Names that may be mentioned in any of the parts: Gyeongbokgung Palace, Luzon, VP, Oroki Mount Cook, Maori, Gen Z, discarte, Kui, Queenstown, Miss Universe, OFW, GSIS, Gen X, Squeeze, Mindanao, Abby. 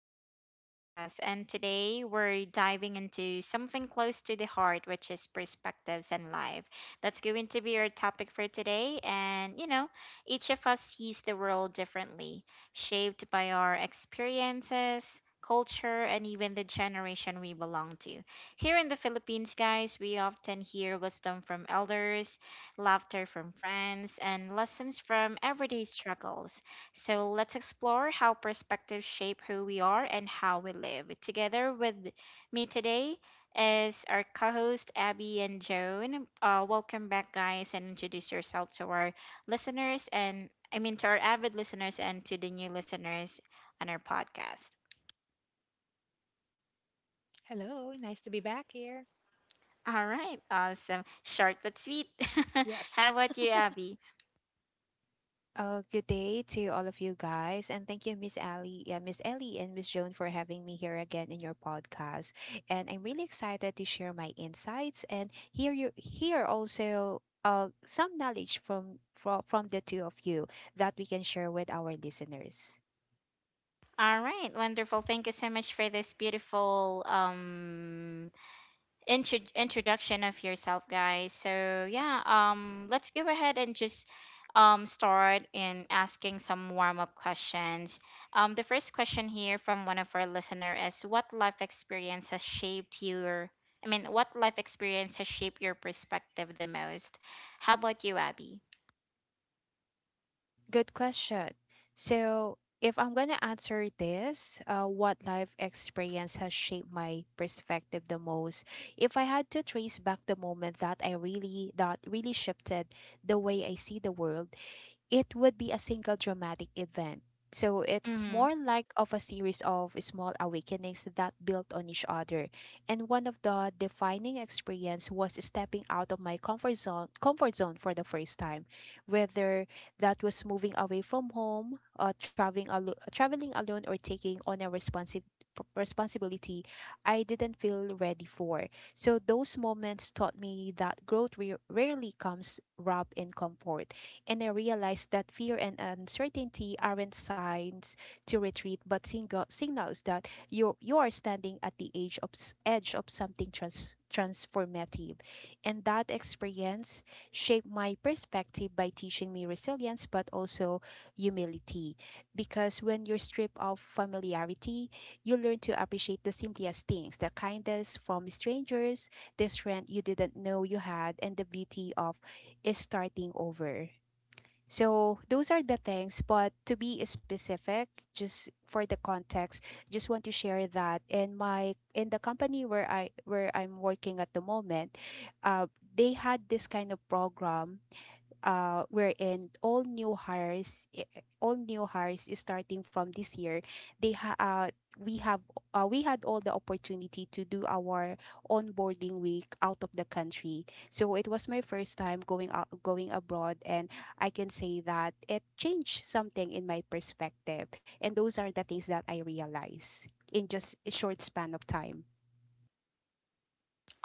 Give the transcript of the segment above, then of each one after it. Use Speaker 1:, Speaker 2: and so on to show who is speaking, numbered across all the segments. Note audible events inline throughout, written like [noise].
Speaker 1: back to our podcast. And today we're diving into something close to the heart, which is perspectives and life. That's going to be our topic for today. And each of us sees the world differently, shaped by our experiences, culture and even the generation we belong to. Here in the Philippines, guys, we often hear wisdom from elders, laughter from friends, and lessons from everyday struggles. So let's explore how perspectives shape who we are and how we live. Together with me today is our co-host Abby and Joan. Welcome back, guys, and introduce yourself to our listeners, and I mean to our avid listeners and to the new listeners on our podcast.
Speaker 2: Hello, nice to be back here.
Speaker 1: All right, awesome. Short but sweet. [laughs] How
Speaker 2: Yes.
Speaker 1: about
Speaker 2: [laughs]
Speaker 1: you, Abby?
Speaker 3: Good day to all of you guys, and thank you, Miss Ellie, yeah, Miss Ellie and Miss Joan for having me here again in your podcast. And I'm really excited to share my insights and hear also some knowledge from the two of you that we can share with our listeners.
Speaker 1: All right, wonderful. Thank you so much for this beautiful introduction of yourself, guys. So yeah, let's go ahead and just start in asking some warm up questions. The first question here from one of our listener is, what life experience has shaped your I mean, what life experience has shaped your perspective the most? How about you, Abby?
Speaker 3: Good question. So, if I'm going to answer this, what life experience has shaped my perspective the most? If I had to trace back the moment that that really shifted the way I see the world, it would be a single dramatic event. So it's more like of a series of small awakenings that built on each other. And one of the defining experience was stepping out of my comfort zone for the first time, whether that was moving away from home, traveling alone or taking on a responsive responsibility I didn't feel ready for. So those moments taught me that rarely comes wrapped in comfort, and I realized that fear and uncertainty aren't signs to retreat, but single signals that you are standing at the edge of edge of something transformative. And that experience shaped my perspective by teaching me resilience, but also humility. Because when you're stripped of familiarity, you learn to appreciate the simplest things, the kindness from strangers, the strength you didn't know you had, and the beauty of starting over. So those are the things, but to be specific, just for the context, just want to share that in the company where I'm working at the moment, they had this kind of program wherein all new hires is starting from this year they ha- uh we have, we had all the opportunity to do our onboarding week out of the country. So it was my first time going out going abroad, and I can say that it changed something in my perspective, and those are the things that I realized in just a short span of time.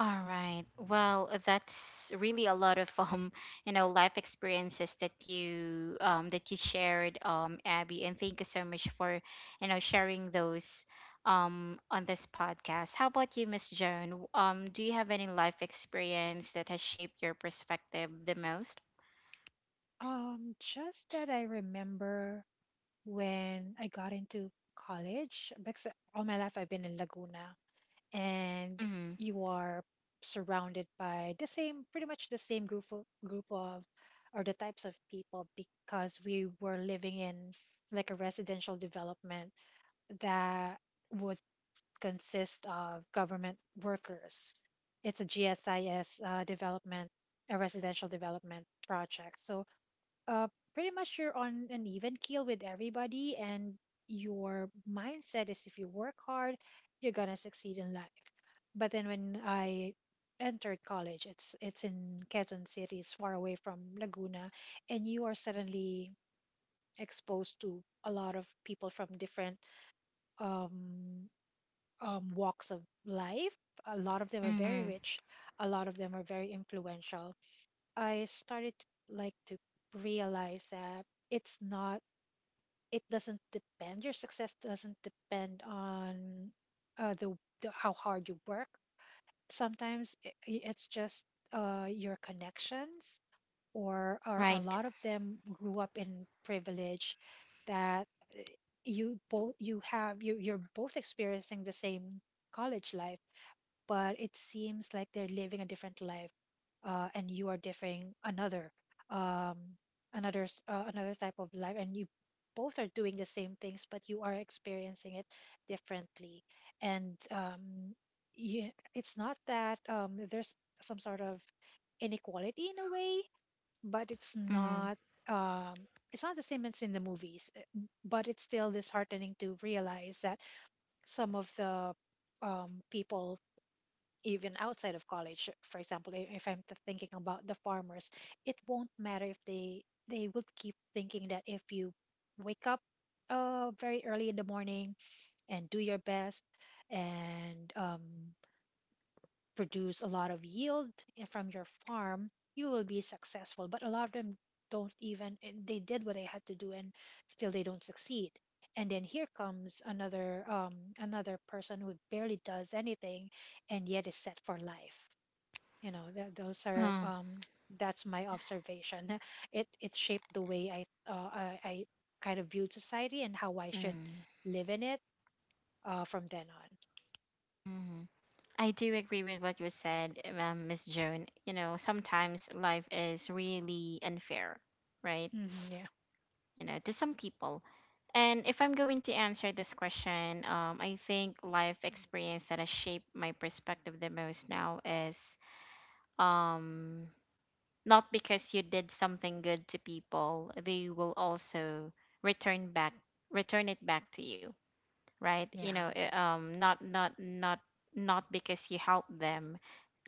Speaker 1: All right. Well, that's really a lot of [laughs] you know, life experiences that you shared, Abby, and thank you so much for sharing those on this podcast. How about you, Miss Joan? Do you have any life experience that has shaped your perspective the most?
Speaker 2: Just that I remember when I got into college, because all my life I've been in Laguna, and
Speaker 1: Mm-hmm.
Speaker 2: you are surrounded by the same, pretty much the same group of or the types of people, because we were living in like a residential development that would consist of government workers. It's a GSIS development, a residential development project. So uh, pretty much you're on an even keel with everybody, and your mindset is if you work hard, you're gonna succeed in life. But then when I entered college, it's in Quezon City, it's far away from Laguna, and you are suddenly exposed to a lot of people from different um, walks of life. A lot of them are very
Speaker 1: Mm-hmm.
Speaker 2: rich. A lot of them are very influential. I started to like to realize that it's not. It doesn't depend. Your success doesn't depend on uh, the, the how hard you work. Sometimes it's just your connections, or a
Speaker 1: Right.
Speaker 2: lot of them grew up in privilege. That uh, you both you have you're both experiencing the same college life, but it seems like they're living a different life, and you are differing another, um, another another type of life, and you both are doing the same things, but you are experiencing it differently, and you, it's not that there's some sort of inequality in a way, but
Speaker 1: Mm-hmm.
Speaker 2: um, it's not the same as in the movies, but it's still disheartening to realize that some of the people even outside of college, for example, if I'm thinking about the farmers, it won't matter if they would keep thinking that if you wake up very early in the morning and do your best and produce a lot of yield from your farm, you will be successful. But a lot of them don't even, and they did what they had to do, and still they don't succeed. And then here comes another another person who barely does anything and yet is set for life. You know, that those are
Speaker 1: Mm-hmm.
Speaker 2: um, that's my observation. [laughs] It shaped the way I kind of viewed society and how I should
Speaker 1: Mm-hmm.
Speaker 2: live in it from then on.
Speaker 1: I do agree with what you said, Miss Joan. You know, sometimes life is really unfair, right?
Speaker 2: Hmm. Yeah.
Speaker 1: You know, to some people. And if I'm going to answer this question, I think life experience that has shaped my perspective the most now is, um, not because you did something good to people, they will also return back, return it back to you, right?
Speaker 2: Yeah.
Speaker 1: Not because you helped them,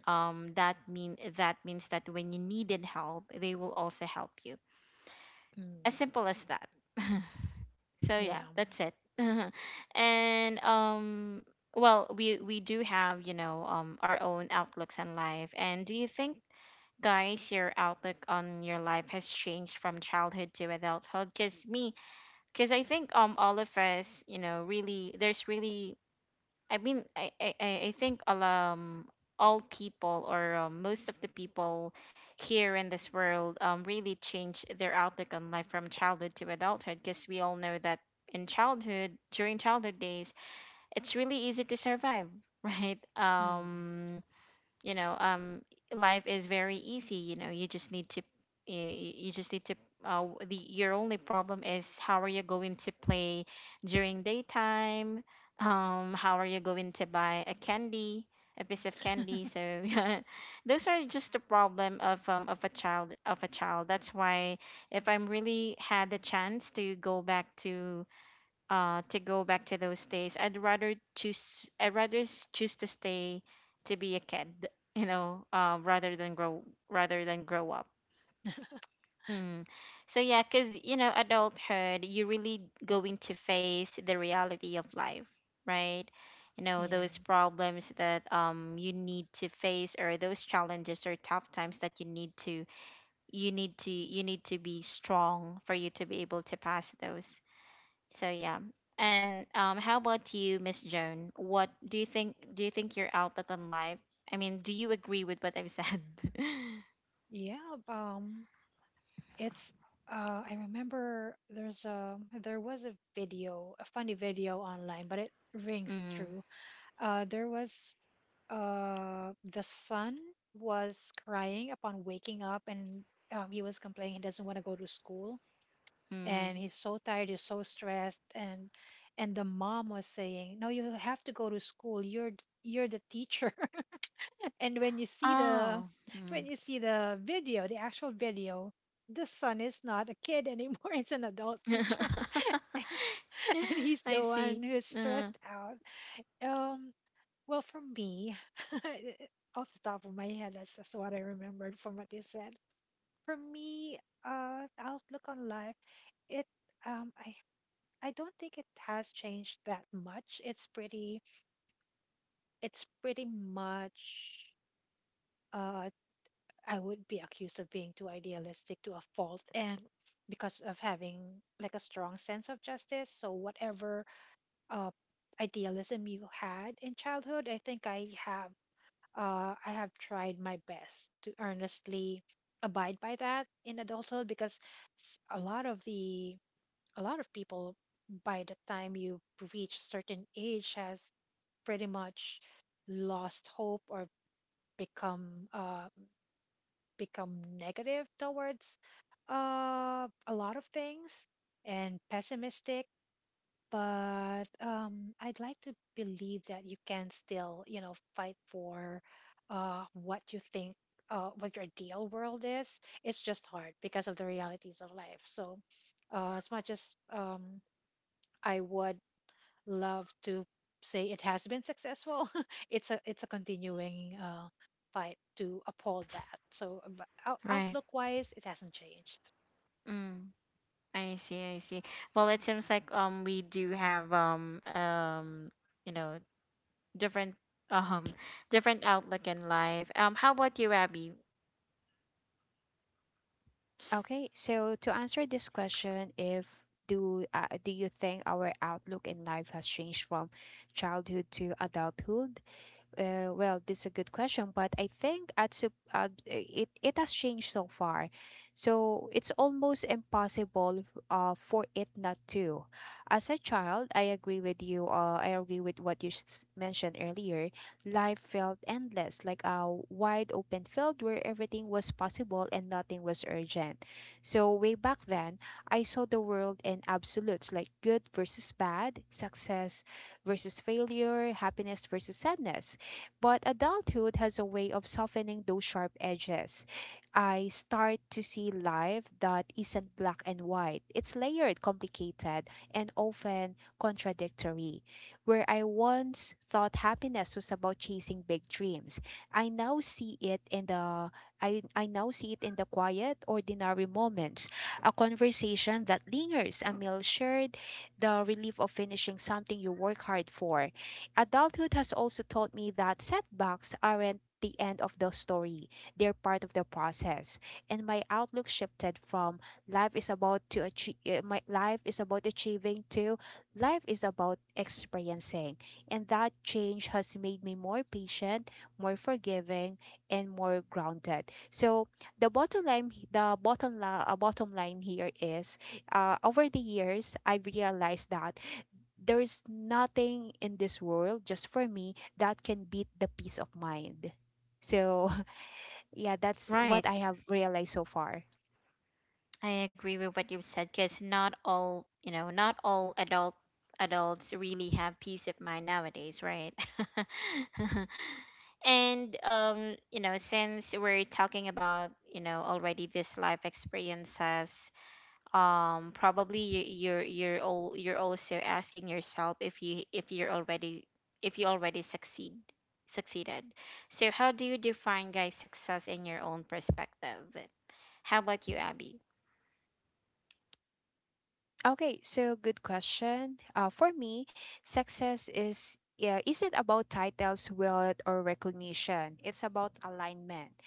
Speaker 1: that mean, that means that when you needed help, they will also help you, as
Speaker 2: Mm.
Speaker 1: simple as that. So yeah,
Speaker 2: Yeah.
Speaker 1: that's it. [laughs] And well, we do have, our own outlooks on life. And do you think, guys, your outlook on your life has changed from childhood to adulthood? Because me, because I think all of us, really there's I think all people, or most of the people here in this world, really change their outlook on life from childhood to adulthood, because we all know that in childhood during childhood days it's really easy to survive, [laughs] right?
Speaker 2: Mm.
Speaker 1: You know um Life is very easy. You know, you, you just need to the your only problem is, how are you going to play during daytime? How are you going to buy a candy, a piece of candy? So [laughs] yeah, those are just the problem of, of a child. That's why, if I'm really had the chance to go back to, those days, I'd rather choose, choose to stay, to be a kid, [laughs] you know? Rather than grow up. Mm. So yeah, because, adulthood, you're really going to face the reality of life, right? You know
Speaker 2: Yeah.
Speaker 1: those problems that, you need to face, or those challenges or tough times, that you need to be strong for you to be able to pass those. So yeah. And how about you, Miss Joan? What do you think? Do you think your outlook on life? I mean, do you agree with what I've said? [laughs]
Speaker 2: Yeah um it's uh I remember there's a, there was a video, a funny video online, but it rings
Speaker 1: Mm.
Speaker 2: true. Uh, there was the son was crying upon waking up, and he was complaining he doesn't want to go to school, and
Speaker 1: Mm.
Speaker 2: he's so tired, he's so stressed, and the mom was saying, no, you have to go to school, you're the teacher. [laughs] And when you see the
Speaker 1: Oh.
Speaker 2: when
Speaker 1: Mm.
Speaker 2: you see the video, the actual video, the son is not a kid anymore. [laughs] It's an adult teacher.
Speaker 1: [laughs]
Speaker 2: [laughs] And he's
Speaker 1: I
Speaker 2: the one
Speaker 1: see.
Speaker 2: who's
Speaker 1: Uh,
Speaker 2: stressed out. Um, well, for me, [laughs] off the top of my head, that's just what I remembered from what you said. For me, outlook on life, it um, I I don't think it has changed that much. It's pretty much uh, I would be accused of being too idealistic to a fault, and because of having like a strong sense of justice, so whatever uh idealism you had in childhood, I think I have tried my best to earnestly abide by that in adulthood because a lot of the a lot of people by the time you reach certain age has pretty much lost hope or become become negative towards a lot of things, and pessimistic. But, I'd like to believe that you can still, you know, fight for what you think, what your ideal world is. It's just hard because of the realities of life. So, as much as I would love to say it has been successful, [laughs] it's a continuing fight to uphold that. So, but
Speaker 1: right.
Speaker 2: outlook wise, it hasn't changed.
Speaker 1: Mm. I see. I see. Well, it seems like, we do have, you know, different, um different outlook in life. How about you, Abby?
Speaker 3: Okay, so to answer this question, if do do you think our outlook in life has changed from childhood to adulthood? Well, this is a good question, but I think it it has changed so far, so it's almost impossible for it not to. As a child, I agree with you. I agree with what mentioned earlier. Life felt endless, like a wide open field where everything was possible and nothing was urgent. So way back then, I saw the world in absolutes, like good versus bad, success versus failure, happiness versus sadness. But adulthood has a way of softening those sharp edges. I start to see life that isn't black and white. It's layered, complicated, and often contradictory. Where I once thought happiness was about chasing big dreams, I now see it in the I now see it in the quiet, ordinary moments. A conversation that lingers, a meal shared, the relief of finishing something you work hard for. Adulthood has also taught me that setbacks aren't the end of the story, they're part of the process. And my outlook shifted from life is about to achieve my life is about achieving to life is about experiencing. And that change has made me more patient, more forgiving, and more grounded. So bottom line here is, over the years I've realized that there is nothing in this world just for me that can beat the peace of mind. So, [laughs] yeah, that's
Speaker 1: Right.
Speaker 3: what I have realized so far.
Speaker 1: I agree with what you said, because not all, you know, not all adults really have peace of mind nowadays, right? [laughs] And since we're talking about, already this life experiences, probably you, you're also asking yourself if, you if you're already, if you already succeed succeeded. So how do you define, guys, success in your own perspective? How about you, Abby?
Speaker 3: Okay, so good question. For me, success is isn't about titles, wealth, or recognition. It's about alignment.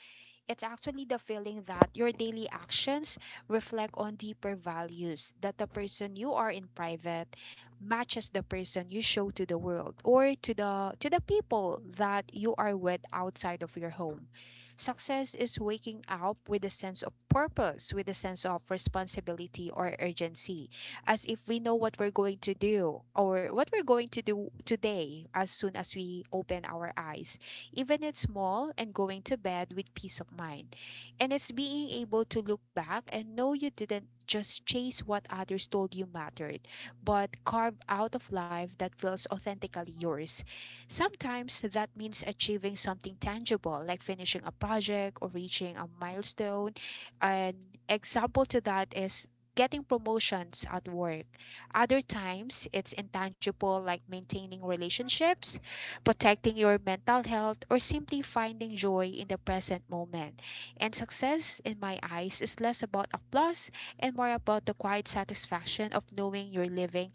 Speaker 3: It's actually the feeling that your daily actions reflect on deeper values, that the person you are in private matches the person you show to the world or to the people that you are with outside of your home. Success is waking up with a sense of purpose, with a sense of responsibility or urgency, as if we know what we're going to do or what we're going to do today as soon as we open our eyes even it's small, and going to bed with peace of mind. And it's being able to look back and know you didn't just chase what others told you mattered, but carve out of life that feels authentically yours. Sometimes that means achieving something tangible, like finishing a project or reaching a milestone. An example to that is getting promotions at work. Other times, it's intangible, like maintaining relationships, protecting your mental health, or simply finding joy in the present moment. And success, in my eyes, is less about applause and more about the quiet satisfaction of knowing you're living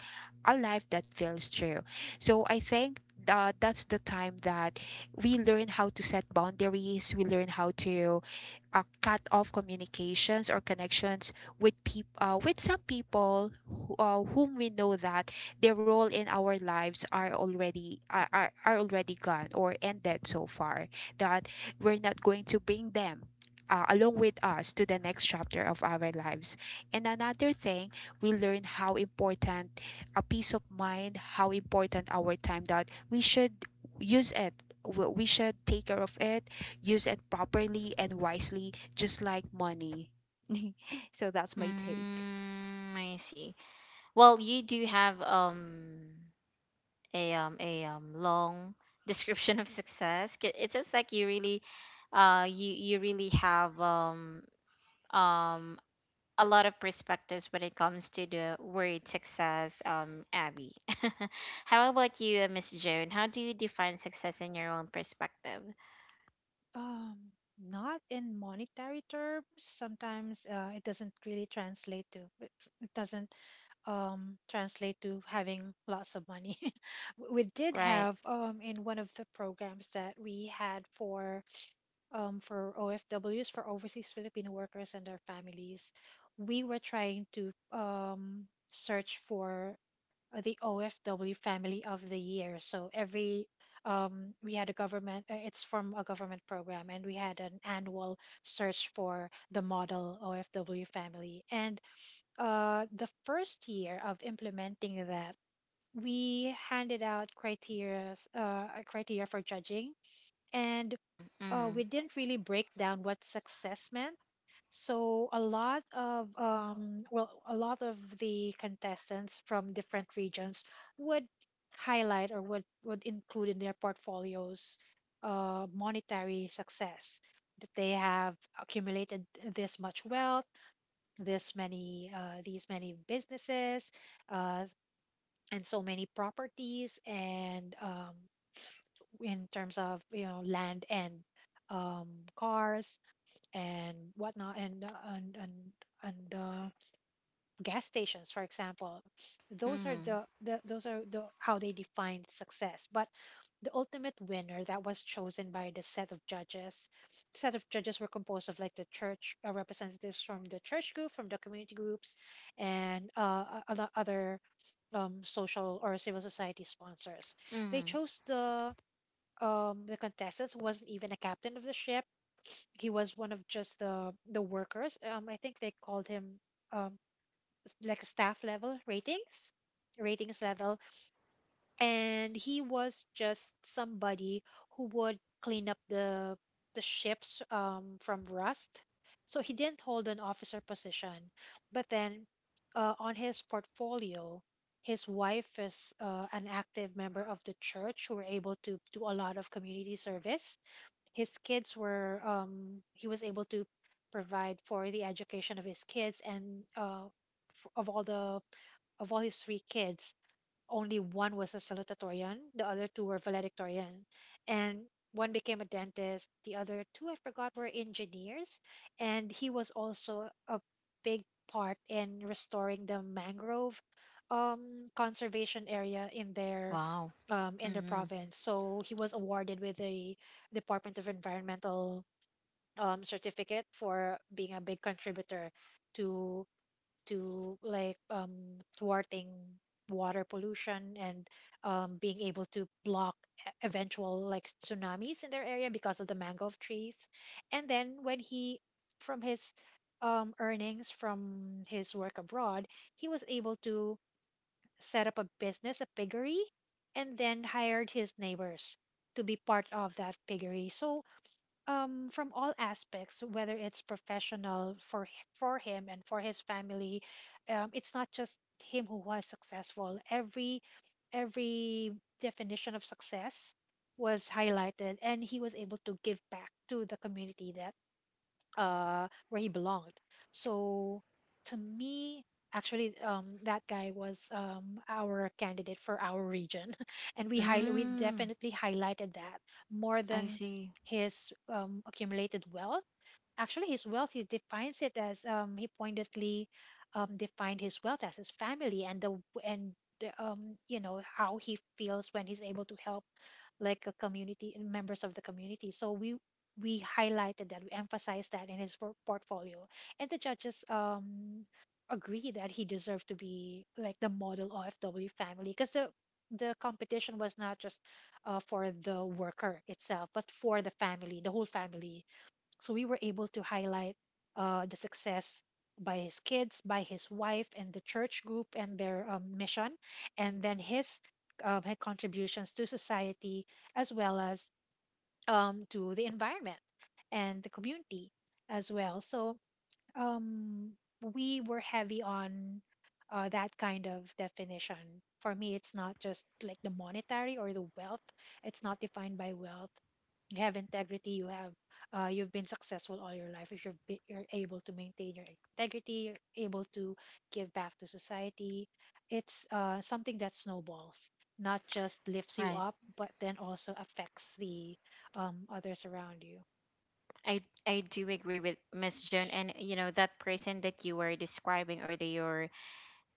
Speaker 3: a life that feels true. So I think. That's the time that we learn how to set boundaries. We learn how to cut off communications or connections with people with some people who, whom we know that their role in our lives are already gone or ended so far, that we're not going to bring them along with us to the next chapter of our lives. And another thing, we learn how important a peace of mind, how important our time, that we should use it, we should take care of it, use it properly and wisely, just like money. [laughs] So that's my take.
Speaker 1: Mm, I see. Well, you do have, a, long [laughs] description of success. It seems like you really, you really have, um a lot of perspectives when it comes to the word success, Abby. [laughs] How about you, Miss Joan? How do you define success in your own perspective?
Speaker 2: Um, not in monetary terms. Sometimes it doesn't really translate to it, it doesn't translate to having lots of money. [laughs] We did
Speaker 1: Right.
Speaker 2: have in one of the programs that we had for OFWs, for overseas Filipino workers and their families, we were trying to search for the OFW Family of the Year. So every we had a government. Uh, it's from a government program, and we had an annual search for the model OFW family. And the first year of implementing that, we handed out criteria for judging, and
Speaker 1: Mm.
Speaker 2: we didn't really break down what success meant, so a lot of well, a lot of the contestants from different regions would highlight or would include in their portfolios monetary success that they have accumulated this much wealth, this many these many businesses, uh, and so many properties, and in terms of, you know, land and um, cars and whatnot, and and and and uh, gas stations, for example. Those are
Speaker 1: Mm.
Speaker 2: the those are the how they defined success. But the ultimate winner that was chosen by the set of judges. Set of judges were composed of like the church representatives from the church group, from the community groups, and a lot other social or civil society sponsors. They
Speaker 1: Mm.
Speaker 2: chose the contestants who wasn't even a captain of the ship, he was one of just the workers. I think they called him um like staff level ratings, ratings level, and he was just somebody who would clean up the ships from rust. So he didn't hold an officer position, but then on his portfolio, his wife is an active member of the church, who were able to do a lot of community service. His kids were um, he was able to provide for, only one was a salutatorian, the other two were valedictorian, and one became a dentist. The other two, I forgot, were engineers. And he was also a big part in restoring the mangrove conservation area
Speaker 1: Wow.
Speaker 2: in their
Speaker 1: Mm.
Speaker 2: province. So he was awarded with a Department of Environmental certificate for being a big contributor to like thwarting water pollution and being able to block eventual like tsunamis in their area because of the mango trees. And then when he, from his earnings from his work abroad, he was able to set up a business, a piggery, and then hired his neighbors to be part of that piggery. So um, from all aspects, whether it's professional for for him and for his family, um, it's not just him who was successful, every definition of success was highlighted, and he was able to give back to the community that where he belonged. So to me, actually, that guy was our candidate for our region, [laughs] and we we
Speaker 1: Mm.
Speaker 2: definitely highlighted that more
Speaker 1: I
Speaker 2: than
Speaker 1: see.
Speaker 2: his accumulated wealth. Actually, his wealth, he defines it as he pointedly defined his wealth as his family and and the, you know, how he feels when he's able to help like a community, members of the community. So we highlighted that, we emphasized that in his portfolio, and the judges agree that he deserved to be like the model OFW family because the competition was not just for the worker itself, but for the family, the whole family. So we were able to highlight the success by his kids, by his wife, and the church group and their mission, and then his contributions to society, as well as to the environment and the community as well. So um, we were heavy on that kind of definition. For me, it's not just like the monetary or the wealth. It's not defined by wealth. You have integrity, you have you've been successful all your life if you're, you're able to maintain your integrity, you're able to give back to society. It's something that snowballs, not just lifts you
Speaker 1: Right.
Speaker 2: up, but then also affects the others around you.
Speaker 1: I I do agree with Miss June, and you know that person that you were describing, or that you're,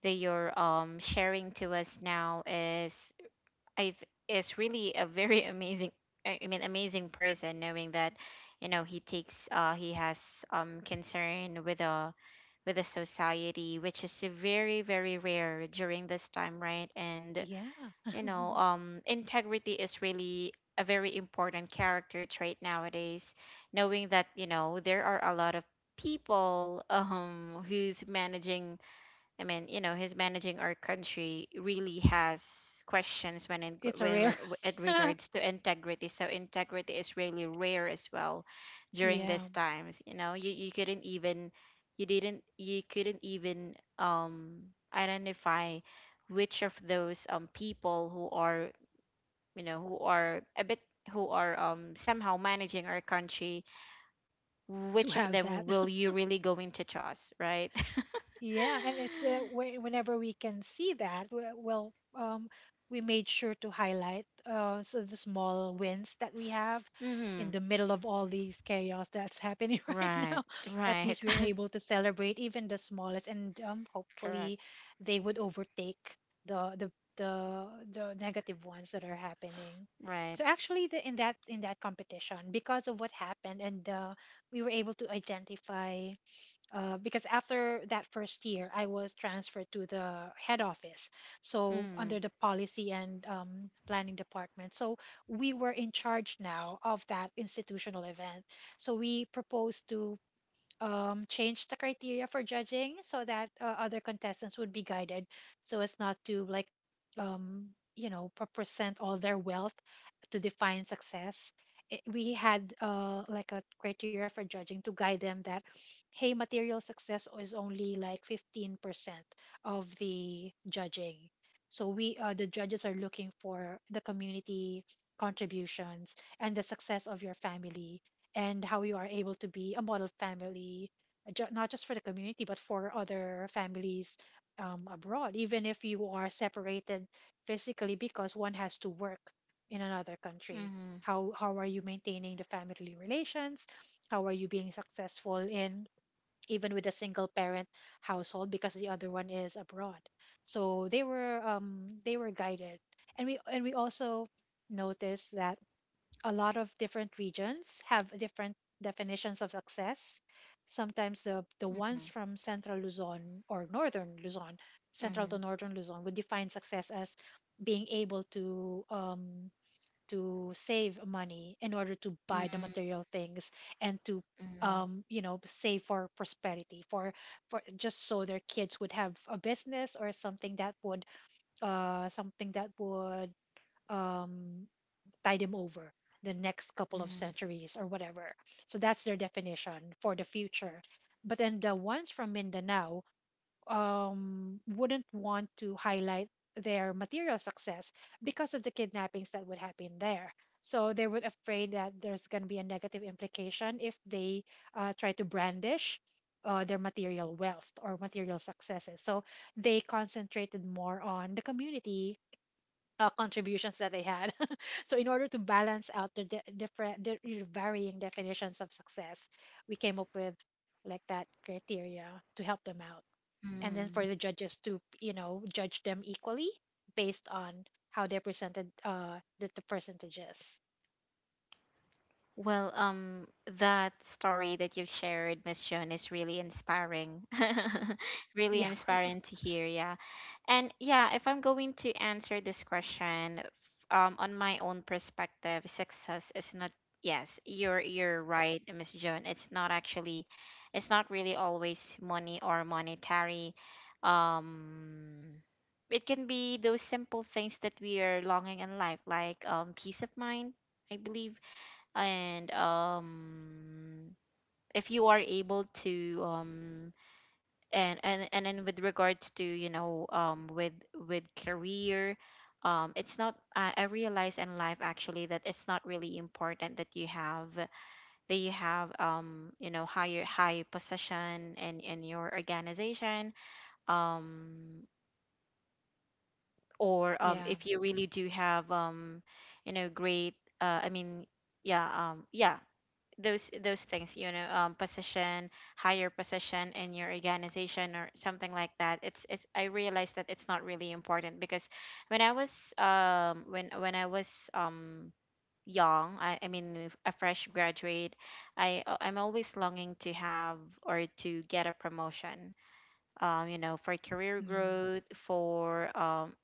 Speaker 1: sharing to us now, is, really a very [laughs] amazing, I mean, amazing person. Knowing that, you know, he takes, he has, concern with a, society, which is very very rare during this time, right? And
Speaker 2: Yeah.
Speaker 1: you know, integrity is really a very important character trait nowadays. Knowing that, you know, there are a lot of people, [laughs] who's managing, I mean, you know, he's managing our country, really has questions
Speaker 2: [laughs] It's a rare.
Speaker 1: when it
Speaker 2: [laughs]
Speaker 1: regards to integrity. So integrity is really rare as well during
Speaker 2: Yeah,
Speaker 1: these times. You know, you couldn't even you couldn't even, um identify, which of those, people who are, who are a bit, who are somehow managing our country,
Speaker 2: to
Speaker 1: which of
Speaker 2: have
Speaker 1: them
Speaker 2: that.
Speaker 1: will you really go into trust, right?
Speaker 2: Yeah, and it's
Speaker 1: [laughs]
Speaker 2: whenever we can see that, we- well, we made sure to highlight so the small wins that we have in
Speaker 1: Mhm.
Speaker 2: the middle of all these chaos that's happening [laughs] right
Speaker 1: Right,
Speaker 2: now. At
Speaker 1: right.
Speaker 2: least we're
Speaker 1: [laughs]
Speaker 2: able to celebrate even the smallest, and
Speaker 1: Correct.
Speaker 2: hopefully they would overtake the negative ones that are happening.
Speaker 1: Right.
Speaker 2: So actually, the, in that competition, because of what happened, and we were able to identify because after that first year, I was transferred to the head office. So,
Speaker 1: Mm.
Speaker 2: under the policy and planning department. So, we were in charge now of that institutional event. So, we proposed to change the criteria for judging so that other contestants would be guided so as not to like um, present all their wealth to define success. We had like a criteria for judging to guide them that hey, material success is only like 15% of the judging. So we the judges are looking for the community contributions and the success of your family, and how you are able to be a model family, not just for the community, but for other families abroad, even if you are separated physically because one has to work in another country.
Speaker 1: Mm-hmm.
Speaker 2: How are you maintaining the family relations? How are you being successful in even with a single parent household because the other one is abroad? So they were guided, and we also noticed that a lot of different regions have different definitions of success. Sometimes the
Speaker 1: Mm-hmm.
Speaker 2: ones from central Luzon or northern Luzon, central to
Speaker 1: Mm-hmm.
Speaker 2: northern Luzon, would define success as being able to save money in order to buy the
Speaker 1: Mm-hmm.
Speaker 2: material things and to
Speaker 1: Mm-hmm.
Speaker 2: save for prosperity for just so their kids would have a business or something that would uh, something that would um, tide them over the next couple of centuries or whatever. So that's their definition for the future. But then the ones from Mindanao wouldn't want to highlight their material success because of the kidnappings that would happen there. So they would afraid that there's going to be a negative implication if they try to brandish their material wealth or material successes. So they concentrated more on the community contributions that they had. [laughs] So, in order to balance out the varying definitions of success, we came up with like that criteria to help them out. And then
Speaker 1: Mm-hmm.
Speaker 2: for the judges to, you know, judge them equally based on how they presented the percentages.
Speaker 1: Well, that story that you've shared, Miss Joan, is really inspiring. [laughs] Really
Speaker 2: Yeah. [laughs]
Speaker 1: inspiring to hear, yeah. And yeah, if I'm going to answer this question, on my own perspective, success is not, yes, you're, right, Miss Joan. It's not actually, it's not really always money or monetary. Um, it can be those simple things that we are longing in life, like, peace of mind, I believe, and, if you are able to, and, then with regards to, with, career. It's not, I, I realize in life actually that it's not really important, that you have, you know, high position in, your organization, um or,
Speaker 2: Yeah.
Speaker 1: if you really do have, great, uh i mean yeah, yeah, those, things, you know, position, higher position in your organization, or something like that. It's, I realized that it's not really important, because when I was, when, I was, young, I mean, a fresh graduate, I, I'm always longing to have or to get a promotion, you know, for career
Speaker 2: Mm,
Speaker 1: growth, for, um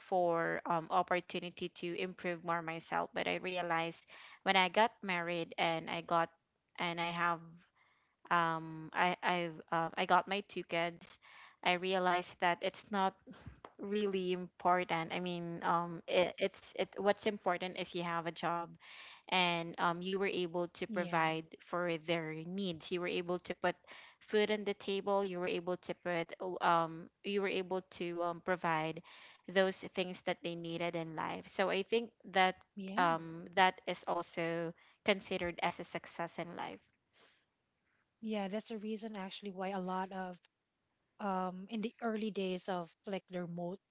Speaker 1: for um, opportunity to improve more myself. But I realized, when I got married, and I got and I have I I've I got my two kids, I realized that it's not really important. I mean, it, it's it what's important is you have a job, and, you were able to
Speaker 2: yeah.
Speaker 1: provide for their needs. You were able to put food on the table. You were able to put, you were able to, provide those things that they needed in life. So I think that,
Speaker 2: Yeah.
Speaker 1: that is also considered as a success in life.
Speaker 2: Yeah, that's the reason actually why a lot of in the early days of like the remote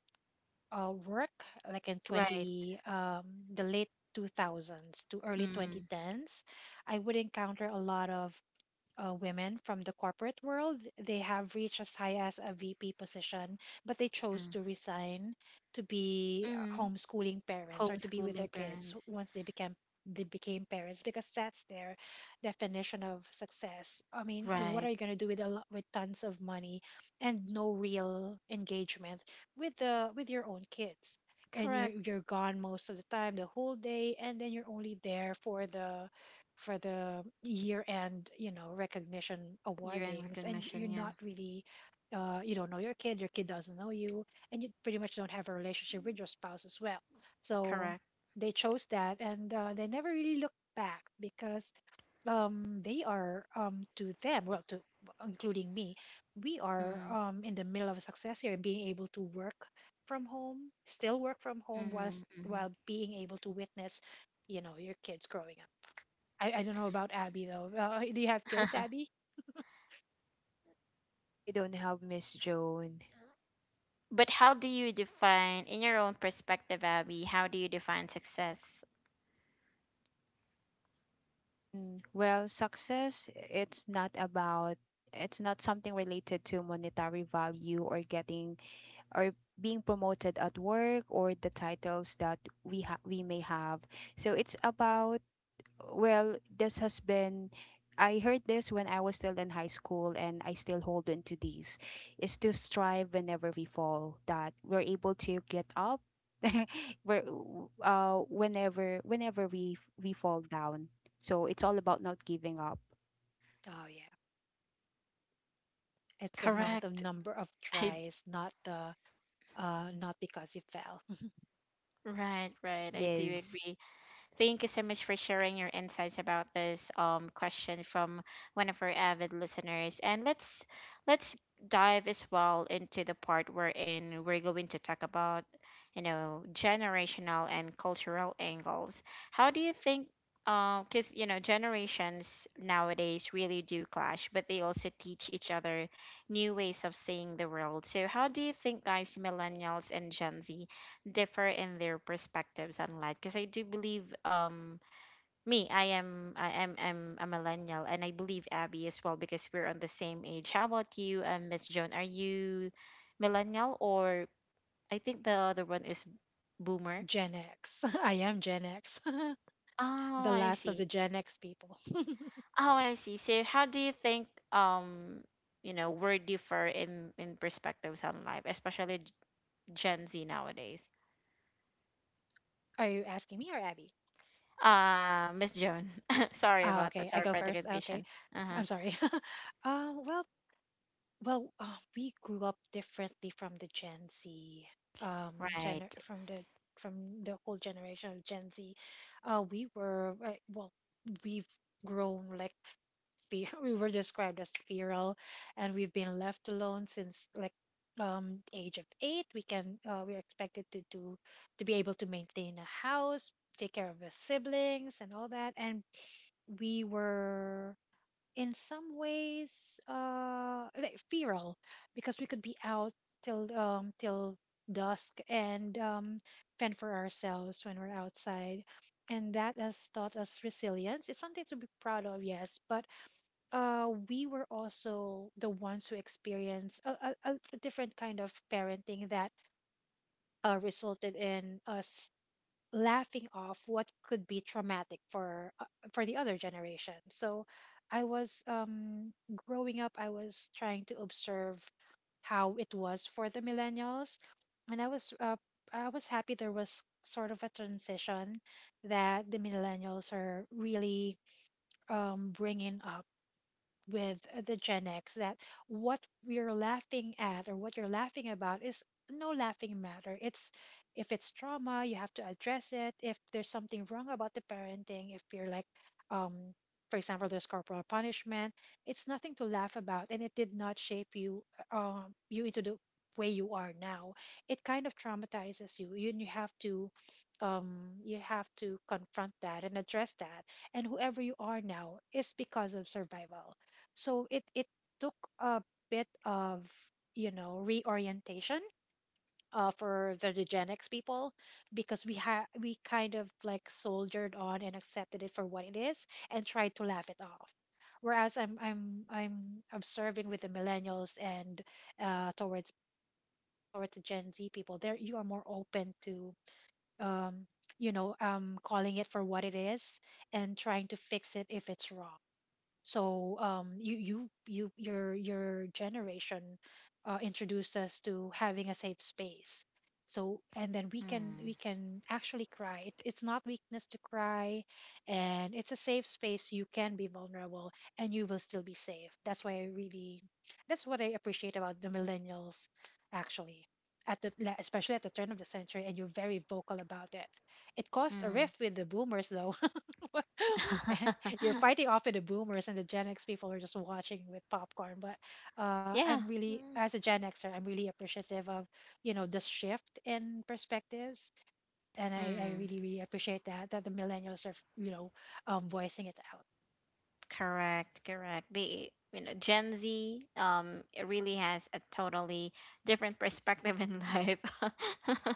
Speaker 2: work, like in
Speaker 1: Right.
Speaker 2: 20, um, the late 2000s to early
Speaker 1: Mm-hmm.
Speaker 2: 2010s, I would encounter a lot of women from the corporate world. They have reached as high as a VP position, but they chose to resign to be homeschooling parents or to be with
Speaker 1: Homeschooling
Speaker 2: their kids
Speaker 1: parents.
Speaker 2: once they became parents because that's their definition of success. I mean, what
Speaker 1: Right.
Speaker 2: are you going to do with with tons of money and no real engagement with the with your own kids? And
Speaker 1: Correct.
Speaker 2: you're gone most of the time, the whole day, and then you're only there for the year-end, you know, recognition
Speaker 1: Year-end
Speaker 2: awardings, and you're
Speaker 1: recognition, yeah.
Speaker 2: not really, you don't know your kid doesn't know you, and you pretty much don't have a relationship with your spouse as well. So
Speaker 1: Correct.
Speaker 2: they chose that, and they never really looked back because they are to them, well, to including me, we are
Speaker 1: Mm.
Speaker 2: in the middle of success here and being able to work from home, still work from home,
Speaker 1: Mm.
Speaker 2: whilst
Speaker 1: Mm-hmm.
Speaker 2: while being able to witness, you know, your kids growing up. I don't know about Abby though. Do you have kids,
Speaker 1: [laughs]
Speaker 2: Abby?
Speaker 3: I don't have, Miss Joan.
Speaker 1: But how do you define, in your own perspective, Abby, how do you define success?
Speaker 3: Well, success, it's not something related to monetary value or getting or being promoted at work or the titles that we may have. So it's about, well, this has been, I heard this when I was still in high school and I still hold on to these, is to strive whenever we fall that we're able to get up. [laughs] We're whenever we fall down. So it's all about not giving up.
Speaker 2: Oh yeah, it's the amount of
Speaker 1: Correct.
Speaker 2: number of
Speaker 1: [laughs] I
Speaker 2: tries, not the not because you fell.
Speaker 1: Right, right. I do
Speaker 3: Yes.
Speaker 1: agree. Thank you so much for sharing your insights about this, question from one of our avid listeners. And let's, let's dive as well into the part we're in. We're going to talk about, you know, generational and cultural angles. How do you think, because you know, generations nowadays really do clash, but they also teach each other new ways of seeing the world. So how do you think, guys, millennials and Gen Z differ in their perspectives on life? Because I do believe, me, I'm a millennial, and I believe Abby as well, because we're on the same age. How about you and Miss Joan? Are you millennial, or I think the other one is
Speaker 2: [laughs]
Speaker 1: boomer?
Speaker 2: Gen X. [laughs] I am Gen X, [laughs]
Speaker 1: Oh,
Speaker 2: the
Speaker 1: I
Speaker 2: last of
Speaker 1: see.
Speaker 2: the Gen X people. [laughs]
Speaker 1: Oh, I see. So how do you think, we differ in, perspectives on life, especially, Gen Z nowadays?
Speaker 2: Are you asking me or Abby?
Speaker 1: Miss Joan. [laughs] Sorry
Speaker 2: Oh,
Speaker 1: about that.
Speaker 2: okay. I
Speaker 1: Sorry
Speaker 2: go
Speaker 1: for the
Speaker 2: first. Okay.
Speaker 1: confusion. Uh huh.
Speaker 2: I'm sorry. [laughs] uh, well, Well, we grew up differently from the Gen Z, gener
Speaker 1: Right.
Speaker 2: from the whole generation of Gen Z. We were well, we've grown like fe [laughs] we were described as feral, and we've been left alone since like the age of eight. We're expected to do to be able to maintain a house, take care of the siblings, and all that. And we were in some ways like feral because we could be out till till dusk, and fend for ourselves when we're outside, and that has taught us resilience. It's something to be proud of, yes, but we were also the ones who experienced a different kind of parenting that resulted in us laughing off what could be traumatic for the other generation. So I was growing up, I was trying to observe how it was for the millennials, and I was I was happy there was sort of a transition that the millennials are really bringing up with the Gen X that what we're laughing at or what you're laughing about is no laughing matter. It's if it's trauma, you have to address it. If there's something wrong about the parenting, if you're like, um, for example, there's corporal punishment, it's nothing to laugh about, and it did not shape you, you into the way you are now. It kind of traumatizes you. You have to, you have to confront that and address that, and whoever you are now is because of survival. So it took a bit of, you know, reorientation for the eugenics people, because we had we kind of like soldiered on and accepted it for what it is and tried to laugh it off. Whereas I'm observing with the millennials and towards millennials and then towards the Gen Z people, there you are more open to um, you know, calling it for what it is and trying to fix it if it's wrong. So you your generation introduced us to having a safe space. So and then we
Speaker 1: Mm.
Speaker 2: can actually cry. It's not weakness to cry, and it's a safe space. You can be vulnerable, and you will still be safe. That's why I really, that's what I appreciate about the millennials, actually. Especially at the turn of the century, and you're very vocal about it. It caused a
Speaker 1: Mm.
Speaker 2: rift with the boomers, though. [laughs] You're
Speaker 1: [laughs]
Speaker 2: fighting off with the boomers and the Gen X people who are just watching with popcorn. But I'm
Speaker 1: Yeah.
Speaker 2: really,
Speaker 1: Mm.
Speaker 2: as a Gen Xer, I'm really appreciative of, you know, the shift in perspectives, and I
Speaker 1: Mm.
Speaker 2: really really appreciate that that the millennials are, you know, voicing it
Speaker 1: Correct, correct. The Gen Z it really has a totally different perspective in life,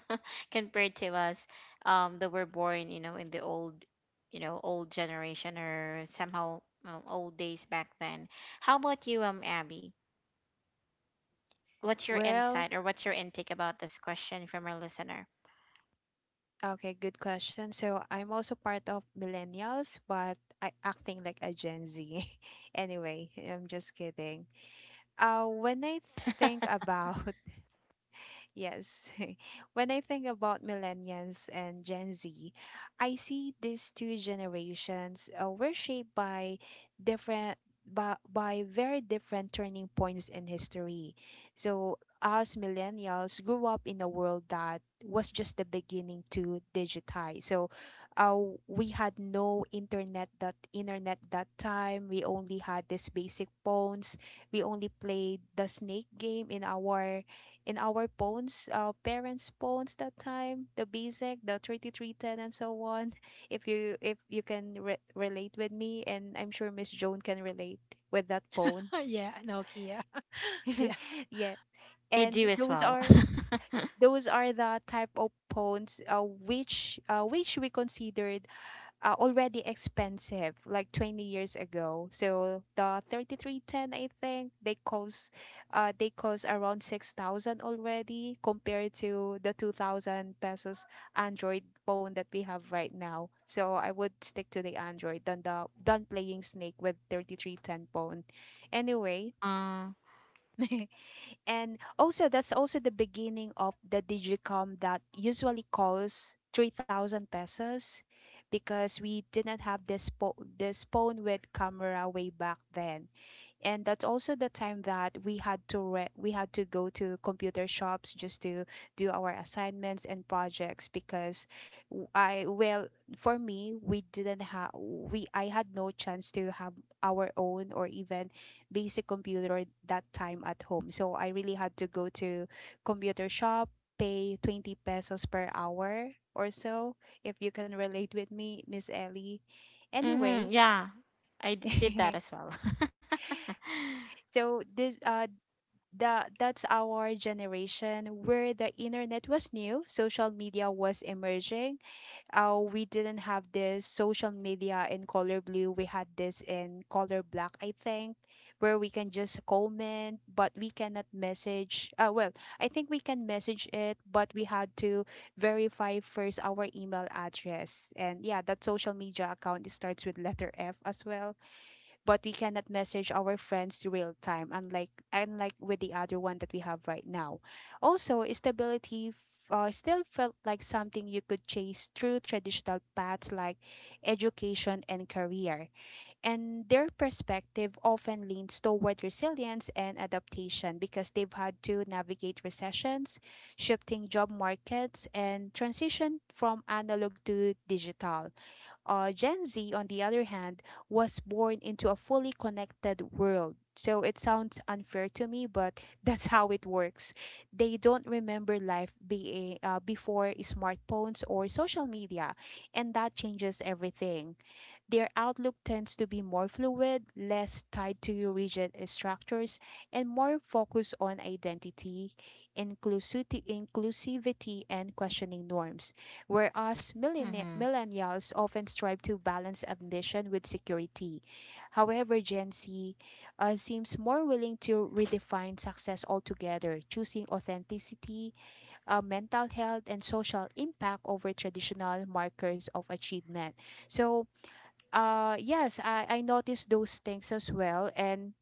Speaker 1: [laughs] compared to us that were born, in the old you know old generation, or somehow old days back then. How about you, Abby? What's your
Speaker 3: Well,
Speaker 1: insight, or what's your intake about this question from our listener?
Speaker 3: okay, good question. So I'm also part of millennials, but I acting like a Gen Z. [laughs] Anyway, I'm just kidding. When I think
Speaker 1: [laughs]
Speaker 3: about Yes. [laughs] When I think about millennials and Gen Z, I see these two generations were shaped by by very different turning points in history. So us millennials grew up in a world that was just the beginning to digitize. So uh, we had no internet, that time. We only had these basic phones. We only played the snake game in our phones, our parents' phones that time, the basic, the 3310, and so on. [laughs] If you can relate with me, and I'm sure Miss Joan can relate with that
Speaker 2: out.
Speaker 3: phone.
Speaker 2: [laughs] Yeah, no, Kia. [laughs]
Speaker 3: [laughs]
Speaker 2: Yeah,
Speaker 3: Yeah.
Speaker 1: I do
Speaker 3: And
Speaker 1: as
Speaker 3: those
Speaker 1: well.
Speaker 3: are
Speaker 1: [laughs]
Speaker 3: the type of phones which we considered already expensive like 20 years ago. So the 3310, I think they cost, they cost around 6,000 already, compared to the 2000 pesos android phone that we have right now. So I would stick to the android than the than playing snake with 3310 phone, anyway.
Speaker 1: uh,
Speaker 3: [laughs] And also, that's also the beginning of the Digicom that usually costs 3,000 pesos, because we did not have this, this phone with camera way back then. And that's also the time that we had to go to computer shops just to do our assignments and projects because w- I well for me, we didn't have we I had no chance to have our own or even basic computer that time at home, so I really had to go to computer shop, pay 20 pesos per hour or so, if you can relate with me, Miss Ellie.
Speaker 1: mm-hmm,
Speaker 3: Anyway.
Speaker 1: yeah, I did that as
Speaker 3: [laughs]
Speaker 1: well. [laughs]
Speaker 3: So this that's our generation where the internet was new, social media was emerging. We didn't have this social media in color blue. We had this in color black, I think, where we can just comment, but we cannot message. Well, I think we can message it, but we had to verify first our email address. And yeah, that social media account starts with letter F as well, but we cannot message our friends real time, unlike with the other one that we have right now. Also stability still felt like something you could chase through traditional paths like education and career, and their perspective often leans toward resilience and adaptation because they've had to navigate recessions, shifting job markets, and transition from analog to digital. Gen Z, on the other hand, was born into a fully connected world. So it sounds unfair to me, but [laughs] that's how it works. They don't remember life being, before smartphones or social media, and that changes everything. Their outlook tends to be more fluid, less tied to rigid structures, and more focused on identity, inclusivity and questioning norms. Whereas
Speaker 1: Mm-hmm,
Speaker 3: millennials often strive to balance ambition with security. However, Gen Z seems more willing to redefine success altogether, choosing authenticity, mental health, and social impact over traditional markers of achievement. So, yes, I noticed those things as well. And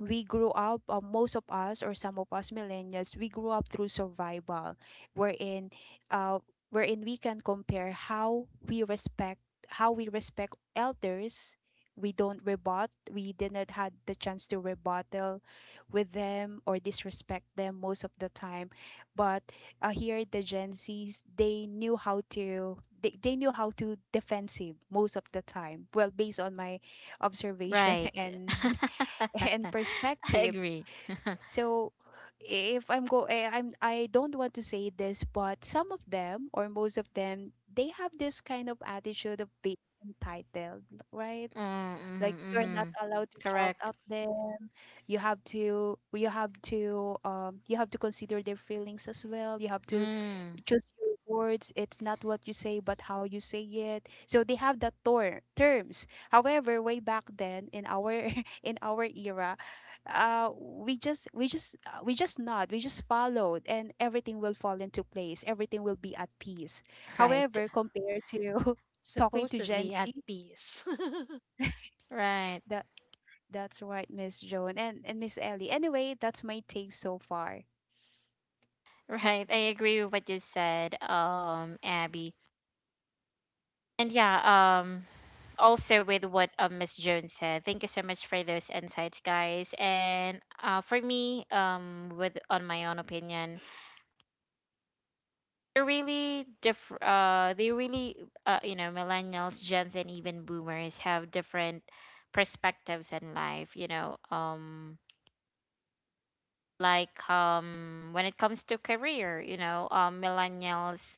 Speaker 3: we grew up, most of us or some of us millennials, we grew up through survival, wherein, uh, wherein we can compare how we respect elders. We don't rebut. We did not had the chance to rebuttal with them or disrespect them most of the time. But here, the Gen Zs, they knew how to. They knew how to defensive most of the time. Well, based on my observation [laughs]
Speaker 1: right.
Speaker 3: and
Speaker 1: [laughs] I
Speaker 3: perspective.
Speaker 1: agree. [laughs] Mm-hmm,
Speaker 3: So if I'm go eh, I'm I don't want to say this, but some of them or most of them, they have this kind of attitude of being entitled, right? Like you're not
Speaker 1: mm-hmm.
Speaker 3: allowed to shout
Speaker 1: Correct.
Speaker 3: at them. You have to you have to consider their feelings as well. You have to
Speaker 1: Mm,
Speaker 3: choose your words. It's not what you say, but how you say it. So they have that terms. However, way back then in our [laughs] in our era, we just nod, we just followed, and everything will fall into place. Everything will be at peace.
Speaker 1: [laughs] right,
Speaker 3: However, compared to [laughs] talking to Gen
Speaker 2: supposedly at
Speaker 3: Z,
Speaker 2: peace. [laughs]
Speaker 1: right,
Speaker 3: the that's right, Miss Joan and Miss Ellie. Anyway, that's my take so far.
Speaker 1: right. I agree with what you said, Abby. And yeah, also with what Miss Jones said. Thank you so much for those insights, guys. And for me, with on my own opinion, they're really diff they really millennials, gens, and even boomers have different perspectives in life, like, when it comes to career, millennials,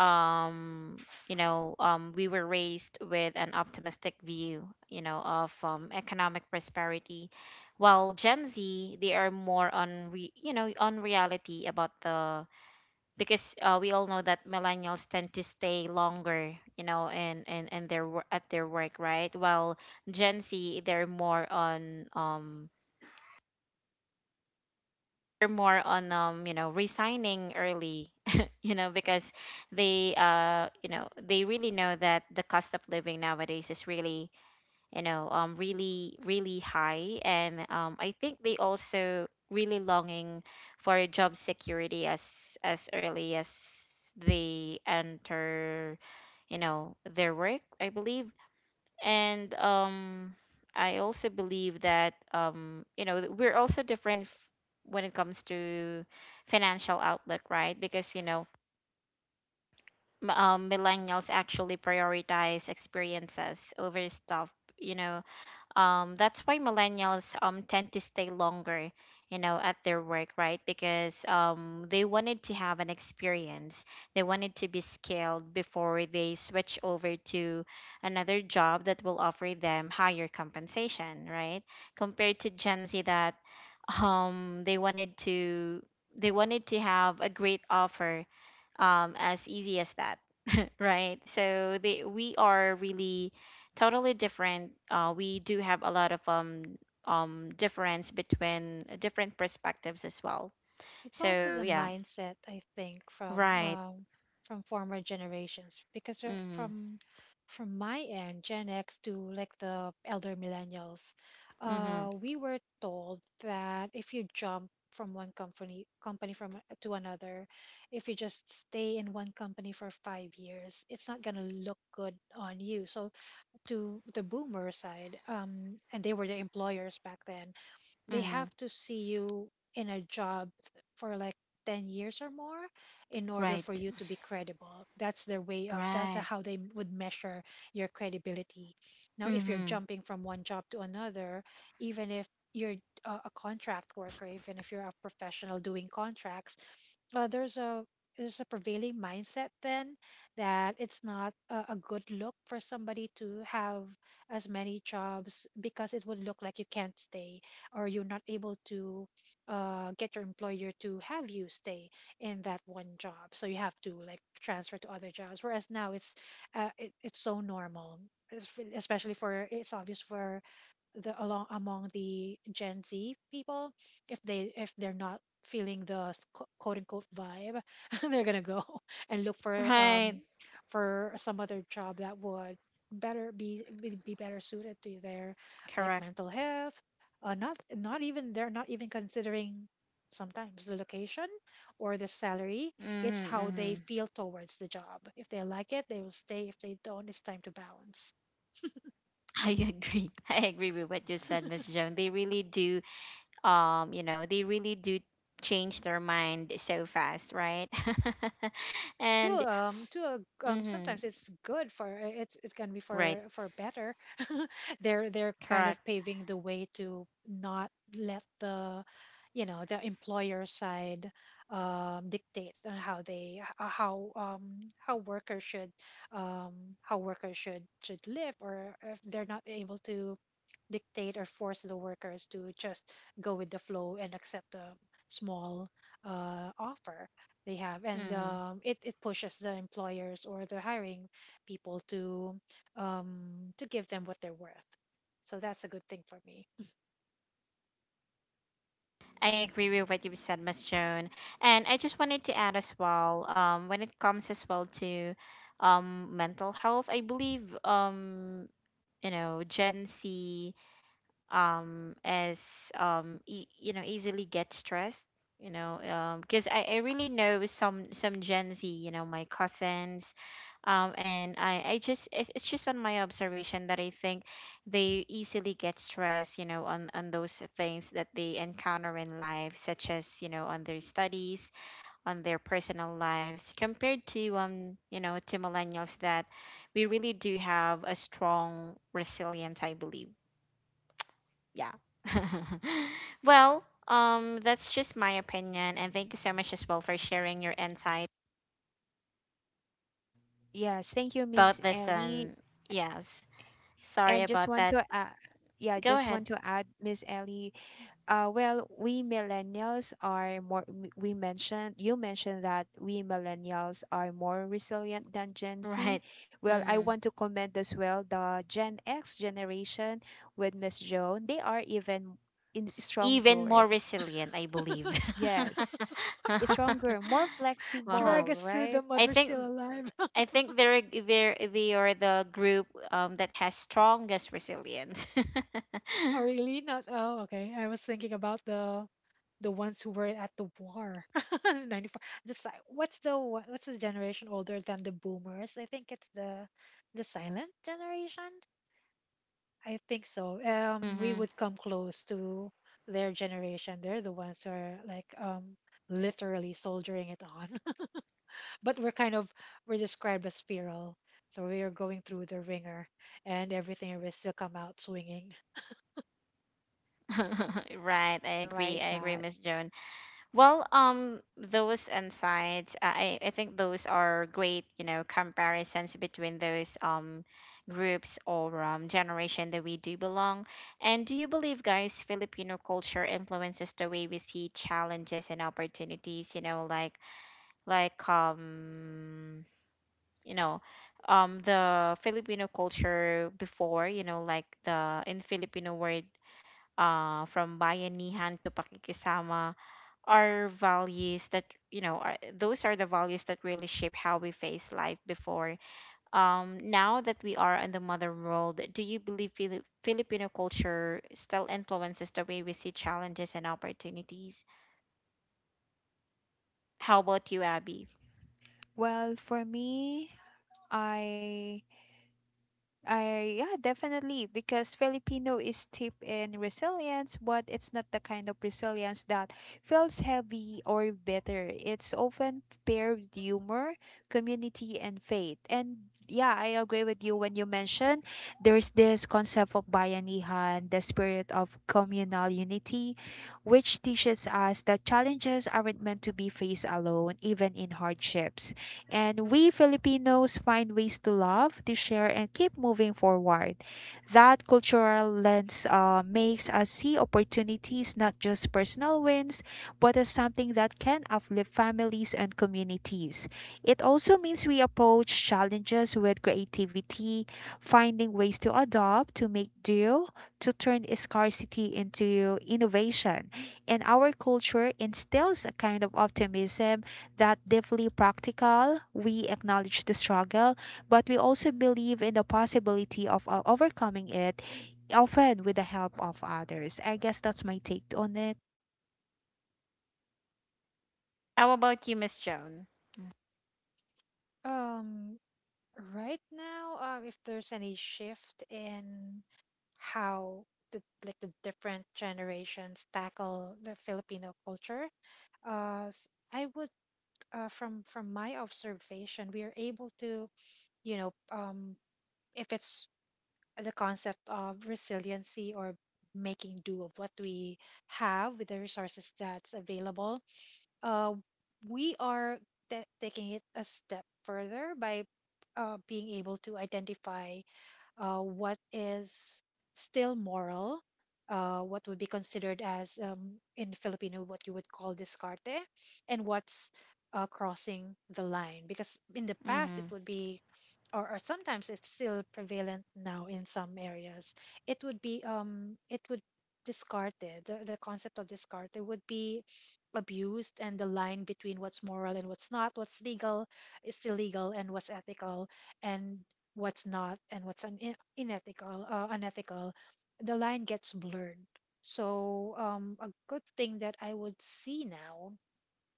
Speaker 1: um we were raised with an optimistic view, of economic prosperity, while Gen Z, they are more on on reality about the, because we all know that millennials tend to stay longer, you know, and their at their work, right? While Gen Z, they're more on, resigning early, [laughs] because they really know that the cost of living nowadays is really, really, really high. And I think they also really longing for job security as early as they enter, their work, I believe. And I also believe that, we're also different when it comes to financial outlook, right? Because, millennials actually prioritize experiences over stuff. You know, that's why millennials tend to stay longer, at their work, right? Because they wanted to have an experience. They wanted to be skilled before they switch over to another job that will offer them higher compensation, right? Compared to Gen Z that, [laughs] um they wanted to they wanted to have a great offer, as easy as that. Right. So they we are really totally different. We do have a lot of difference between, different perspectives as well.
Speaker 2: It's also
Speaker 1: So
Speaker 2: the
Speaker 1: yeah.
Speaker 2: mindset I think
Speaker 1: Right.
Speaker 2: from former generations because
Speaker 1: Mhm.
Speaker 2: from my end, Gen X to like the elder millennials,
Speaker 1: Mhm.
Speaker 2: we were told that if you jump from one company from to another, if you just stay in one company for 5 years, it's not gonna look good on you. So to the boomer side, and they were the employers back then, they
Speaker 1: Mhm.
Speaker 2: have to see you in a job for like 10 years or more in order for
Speaker 1: Right.
Speaker 2: you to be credible. That's their way of, that's
Speaker 1: Right.
Speaker 2: how they would measure your credibility. Now if you're
Speaker 1: Mhm.
Speaker 2: jumping from one job to another, even if you're a contract worker, even if you're a professional doing contracts, uh, there's a there's a prevailing mindset then that it's not a good look for somebody to have as many jobs, because it would look like you can't stay, or you're not able to get your employer to have you stay in that one job, so you have to like transfer to other jobs. Whereas now it's it's so normal, especially for, it's obvious for the along among the Gen Z people, if they if they're not feeling the quote unquote vibe [laughs] they're gonna go [laughs] and look
Speaker 1: Right.
Speaker 2: for some other job that would better be better suited to their like
Speaker 1: Correct.
Speaker 2: mental health. Not even, they're not even considering sometimes the location or the salary. It's
Speaker 1: Mhm.
Speaker 2: how they
Speaker 1: Mhm.
Speaker 2: feel towards the job. If they like it they will stay, if they don't it's time to bounce
Speaker 1: I agree. [laughs] I agree with what you said, Miss Joan. They really do, um, you know, they really do change their mind so fast, right? [laughs] and
Speaker 2: to a
Speaker 1: Mhm.
Speaker 2: sometimes it's good for, it's gonna be
Speaker 1: Right.
Speaker 2: for better [laughs] they're kind
Speaker 1: Correct.
Speaker 2: of paving the way to not let the you know, the employer side dictate on how how workers should um should live, or if they're not able to dictate or force the workers to just go with the flow and Accept the small offer they have. And
Speaker 1: Hmm.
Speaker 2: it pushes the employers or the hiring people to give them what they're worth. So that's a good thing for me.
Speaker 1: I agree with what you've said, Miss Joan. And I just wanted to add as well, when it comes as well to, mental health, I believe, Gen Z as easily get stressed, because I really know some, Gen Z, my cousins, and I just — it's just on my observation that I think they easily get stressed, on those things that they encounter in life, such as, on their studies, on their personal lives, compared to, to millennials, that we really do have a strong resilience, I believe. Yeah. [laughs] Well, that's just my opinion, and thank you so much as well for sharing your insight
Speaker 3: Yes, thank you, Miss
Speaker 1: about this.
Speaker 3: Ellie.
Speaker 1: Yes, sorry
Speaker 3: And just
Speaker 1: about
Speaker 3: want
Speaker 1: that.
Speaker 3: to yeah,
Speaker 1: Go
Speaker 3: just want
Speaker 1: ahead.
Speaker 3: to add, Miss Ellie, well, we millennials are more. We mentioned you mentioned that we millennials are more resilient than Gen
Speaker 1: Right.
Speaker 3: Z. Well, I
Speaker 1: Mm.
Speaker 3: want to comment as well the Gen X generation with Miss Joan. They are even in
Speaker 1: Even more
Speaker 3: stronger.
Speaker 1: resilient, I believe.
Speaker 3: Yes,
Speaker 1: [laughs]
Speaker 3: it's
Speaker 1: Uh-huh.
Speaker 3: stronger, more
Speaker 2: [laughs] Drag
Speaker 3: flexible,
Speaker 2: us
Speaker 1: I
Speaker 2: through
Speaker 3: right?
Speaker 2: the mud, we're
Speaker 1: think
Speaker 2: still alive.
Speaker 1: I think they are the group that has strongest resilience. [laughs]
Speaker 2: Oh, really? Not. Oh, okay. I was thinking about the ones who were at the war. [laughs] 94. Just si- what's the wha- what's the generation older than the boomers? I think it's the silent generation. I think so. We
Speaker 1: Hmm.
Speaker 2: would come close to their generation. They're the ones who are like literally soldiering it on. [laughs] But we're kind of we're described as feral, so we are going through the ringer and everything. And We still come out swinging.
Speaker 1: [laughs] Right. I
Speaker 3: You're
Speaker 1: agree.
Speaker 3: right
Speaker 1: I agree,
Speaker 3: that.
Speaker 1: Miss Jonah. Well, those insights, I think those are great, comparisons between those, groups, or generation, that we do belong. And do you believe, guys, Filipino culture influences the way we see challenges and opportunities? You know, like you know, the Filipino culture before, like, the — in Filipino word, from bayanihan to pakikisama, are values that, those are the values that really shape how we face life before. Now that we are in the modern world, do you believe Filipino culture still influences the way we see challenges and opportunities? How about you, Abby?
Speaker 3: Well, for me, I I yeah, definitely because Filipino is steep in resilience, but it's not the kind of resilience that feels heavy or bitter. It's often paired with humor, community, and faith. And yeah, I agree with you when you mention there's this concept of bayanihan, the spirit of communal unity, which teaches us that challenges aren't meant to be faced alone, even in hardships. And we Filipinos find ways to love, to share, and keep moving forward. That cultural lens makes us see opportunities not just personal wins, but as something that can uplift families and communities. It also means we approach challenges with creativity, finding ways to adopt, to make do, to turn scarcity into innovation. And our culture instills a kind of optimism that deeply practical. We acknowledge the struggle, but we also believe in the possibility of overcoming it, often with the help of others. I guess that's my take on it.
Speaker 1: How about you, Miss Joan?
Speaker 2: Um, Right now, if there's any shift in how the like the different generations tackle the Filipino culture, I would, from my observation, we are able to, you know um, if it's the concept of resiliency or making do of what we have with the resources that's available, uh, we are taking it a step further by being able to identify what is still moral, what would be considered as in Filipino what you would call discarte, and what's crossing the line. Because in the past it
Speaker 1: Mm-hmm.
Speaker 2: would be, or sometimes it's still prevalent now in some areas. It would be it would discarte the concept of discarte would be abused, and the line between what's moral and what's not, what's legal is illegal, and what's ethical and what's not, and what's unethical, unethical, the line gets blurred. So a good thing that I would see now,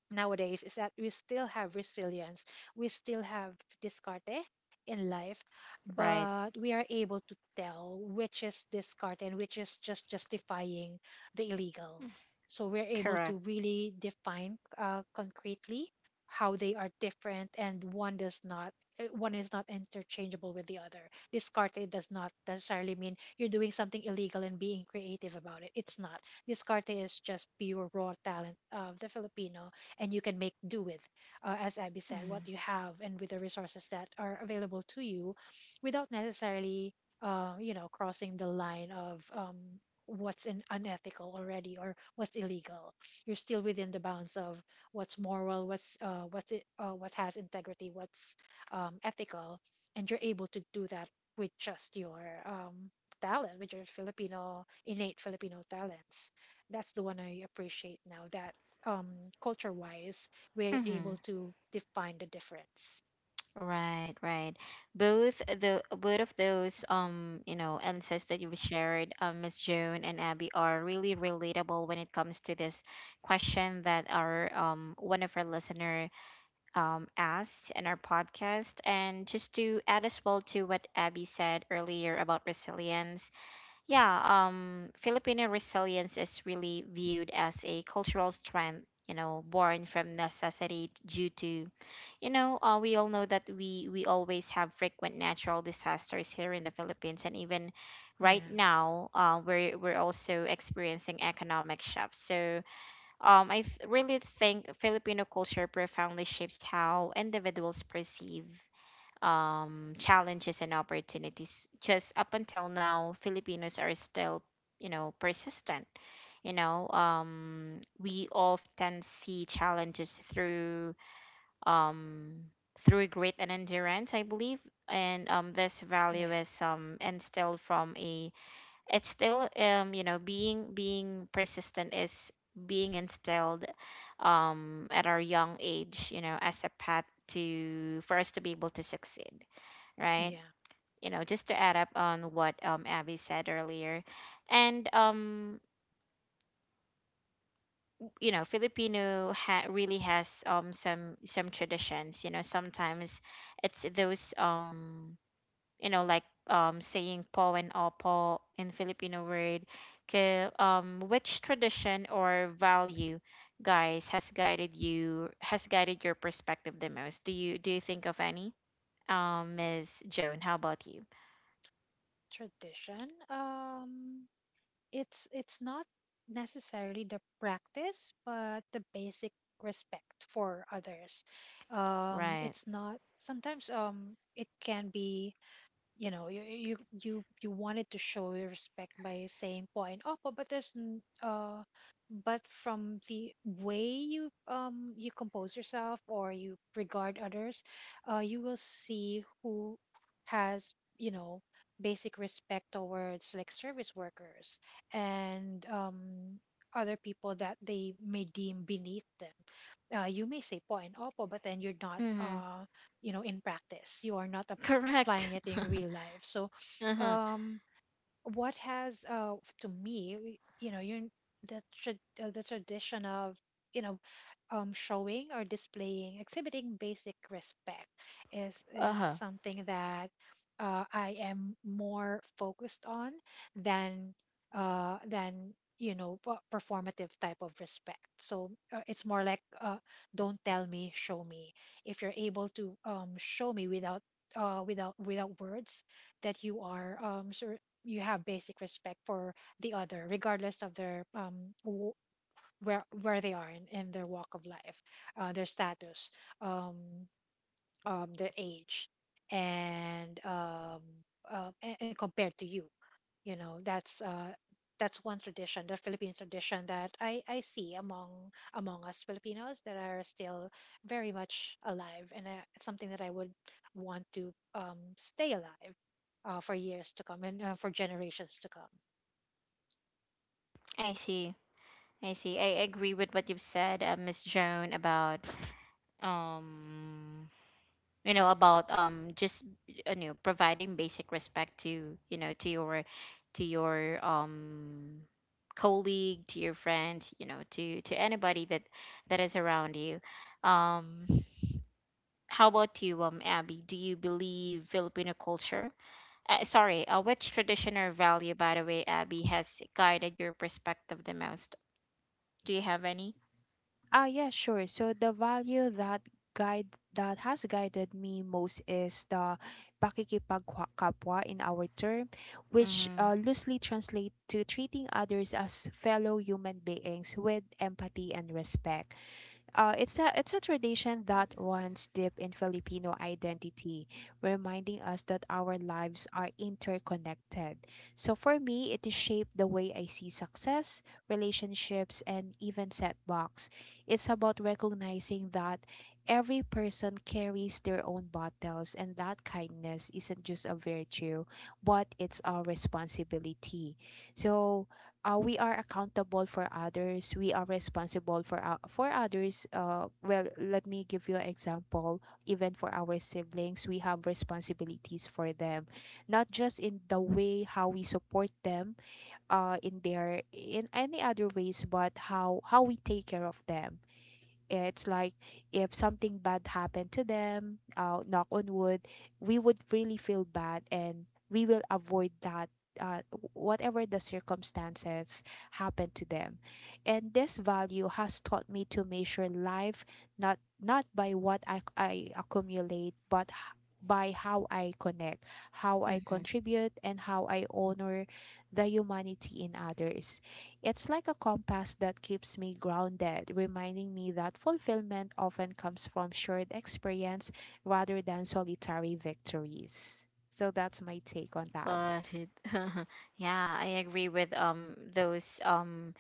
Speaker 2: nowadays, is that we still have resilience, we still have discarte in life,
Speaker 1: Right.
Speaker 2: but we are able to tell which is discarte and which is just justifying the illegal. So we're able to
Speaker 1: Correct.
Speaker 2: really define concretely how they are different, and one does not. One is not interchangeable with the other. Discarte does not necessarily mean you're doing something illegal and being creative about it. It's not. Discarte is just pure raw talent of the Filipino, and you can make do with, as Abby said,
Speaker 1: Mm-hmm.
Speaker 2: what you have and with the resources that are available to you without necessarily, you know, crossing the line of what's in unethical already or what's illegal. You're still within the bounds of what's moral, what has integrity, what's ethical, and you're able to do that with just your talent, with your Filipino innate Filipino talents. That's the one I appreciate now. That culture wise, we're
Speaker 1: Mm-hmm.
Speaker 2: able to define the difference.
Speaker 1: Right, right. Both of those, insights that you've shared, Miss Joan and Abby, are really relatable when it comes to this question that our one of our listener asked in our podcast. And just to add as well to what Abby said earlier about resilience, yeah, Filipino resilience is really viewed as a cultural strength, born from necessity due to, we all know that we always have frequent natural disasters here in the Philippines, and even right
Speaker 2: Yeah,
Speaker 1: now, we're also experiencing economic shocks. So, I really think Filipino culture profoundly shapes how individuals perceive challenges and opportunities. Just up until now, Filipinos are still, persistent. We often see challenges through, um, through grit and endurance, I believe. And this value
Speaker 2: yeah,
Speaker 1: is, instilled from a. It's still, being persistent is being instilled, at our young age. You know, as a path to for us to be able to succeed, right?
Speaker 2: yeah.
Speaker 1: You know, just to add up on what, Abby said earlier. And, Filipino really has some traditions, sometimes it's those, saying po and opo in Filipino word. K, which tradition or value, guys, has guided your perspective the most? Do you think of any, Miss Joan? How about you?
Speaker 2: Tradition. It's not necessarily the practice, but the basic respect for others.
Speaker 1: Right.
Speaker 2: It's not. Sometimes it can be, you know, you wanted to show your respect by saying po and opo, but there's but from the way you you compose yourself or you regard others, you will see who has, you know, basic respect towards like service workers and other people that they may deem beneath them. You may say po and opo, but then you're not
Speaker 1: Mhm.
Speaker 2: you know, in practice you are not
Speaker 1: Correct.
Speaker 2: applying it in real life. So,
Speaker 1: [laughs] Uh-huh.
Speaker 2: um, what has to me, you know, you the tradition of, you know, showing or displaying, exhibiting basic respect is
Speaker 1: Uh-huh.
Speaker 2: something that I am more focused on than you know, performative type of respect. So it's more like, don't tell me, show me. If you're able to show me without words that you are you have basic respect for the other, regardless of their where they are in their walk of life, their status. Um, their age and and compared to you, you know, that's one tradition, the Philippine tradition, that I see among among us Filipinos, that are still very much alive. And it's something that I would want to stay alive for years to come, and for generations to come.
Speaker 1: I see. I see. I agree with what you've said, Miss Joan, about, um, just, providing basic respect to your colleague, to your friends, you know, to anybody that is around you. Um, how about you, Abby? Do you believe Filipino culture? Sorry, which tradition or value, by the way, Abby, has guided your perspective the most? Do you have any?
Speaker 3: Ah, yeah, sure. So the value that guide that has guided me most is the pakikipagkapwa in our term, which
Speaker 1: Mm-hmm.
Speaker 3: loosely translate to treating others as fellow human beings with empathy and respect. It's a tradition that runs deep in Filipino identity, reminding us that our lives are interconnected. So for me, it has shaped the way I see success, relationships, and even setbacks. It's about recognizing that every person carries their own battles, and that kindness isn't just a virtue, but it's our responsibility. So we are accountable for others. We are responsible for our, for others. Well, let me give you an example. Even for our siblings, we have responsibilities for them, not just in the way how we support them in their in any other ways, but how we take care of them. It's like if something bad happened to them, knock on wood, we would really feel bad and we will avoid that. Uh, Whatever the circumstances happen to them. And this value has taught me to measure life not by what I accumulate, but by how I connect, how I contribute, and how I honor the humanity in others. It's like a compass that keeps me grounded, reminding me that fulfillment often comes from shared experience rather than solitary victories. So that's my take on that.
Speaker 1: Got it. [laughs] Yeah, I agree with those, um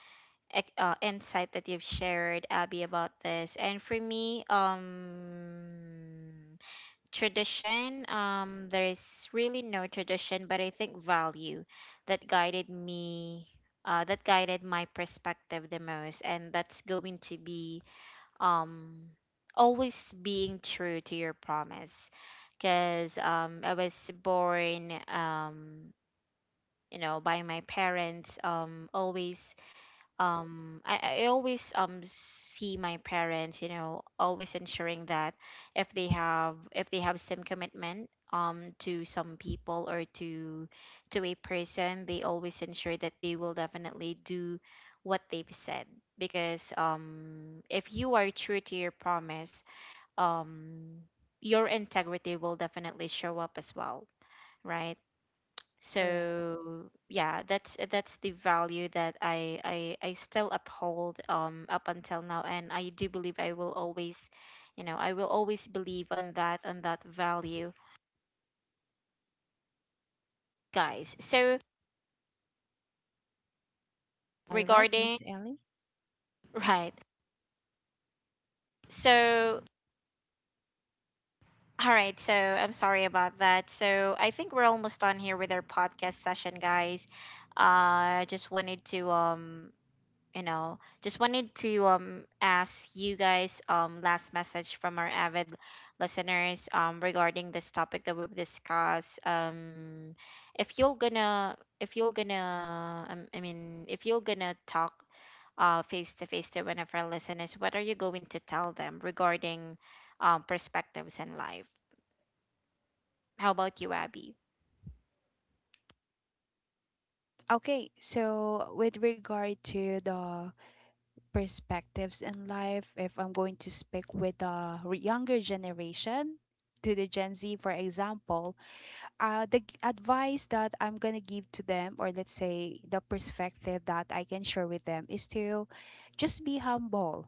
Speaker 1: ex- uh, insight that you've shared, Abby, about this. And for me, tradition, there is really no tradition, but I think value that guided me that guided my perspective the most, and that's going to be um always being true to your promise. Because I was born, by my parents, always, I always, see my parents, always ensuring that if they have some commitment, to some people, or to a person, they always ensure that they will definitely do what they've said. Because if you are true to your promise, um your integrity will definitely show up as well, right?
Speaker 2: Correct.
Speaker 1: So yeah, that's the value that I still uphold, up until now, and I do believe I will always believe on that value, guys, so
Speaker 3: All right,
Speaker 1: regarding...
Speaker 3: Miss Ellie.
Speaker 1: [laughs] right, so... All right, so I'm sorry about that. So I think we're almost done here with our podcast session, guys. I just wanted to, ask you guys, last message from our avid listeners, regarding this topic that we've discussed, if you're gonna, I mean, if you're gonna talk, face to face, to one of our listeners, what are you going to tell them regarding, perspectives in life? How about you, Abby?
Speaker 3: Okay, so with regard to the perspectives in life, if I'm going to speak with the younger generation, to the Gen Z, for example, the advice that I'm gonna give to them, or let's say the perspective that I can share with them, is to just be humble,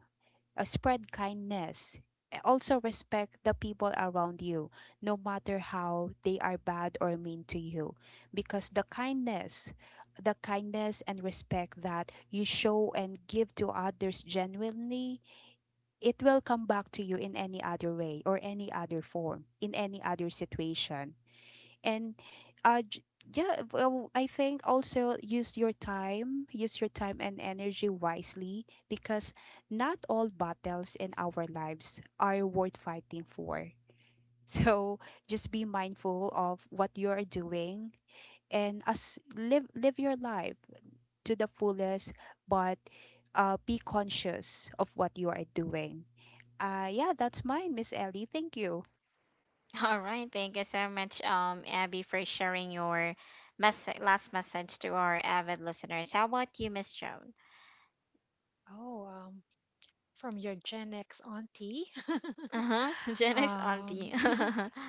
Speaker 3: spread kindness, also respect the people around you, no matter how they are bad or mean to you, because the kindness and respect that you show and give to others genuinely, it will come back to you in any other way or any other form, in any other situation. and uh j- yeah, well, I think also use your time, use your time and energy wisely, because not all battles in our lives are worth fighting for. [laughs] So just be mindful of what you are doing, and as live live your life to the fullest. But be conscious of what you are doing. Yeah, that's mine, Miss Ellie. Thank you.
Speaker 1: All right, thank you so much, Abby, for sharing your message, last message to our avid listeners. How about you, Miss Joan?
Speaker 2: Oh, from your Gen X auntie. [laughs]
Speaker 1: Uh huh. [laughs] Jenna's
Speaker 2: Um,
Speaker 1: auntie.
Speaker 2: [laughs]
Speaker 1: [laughs]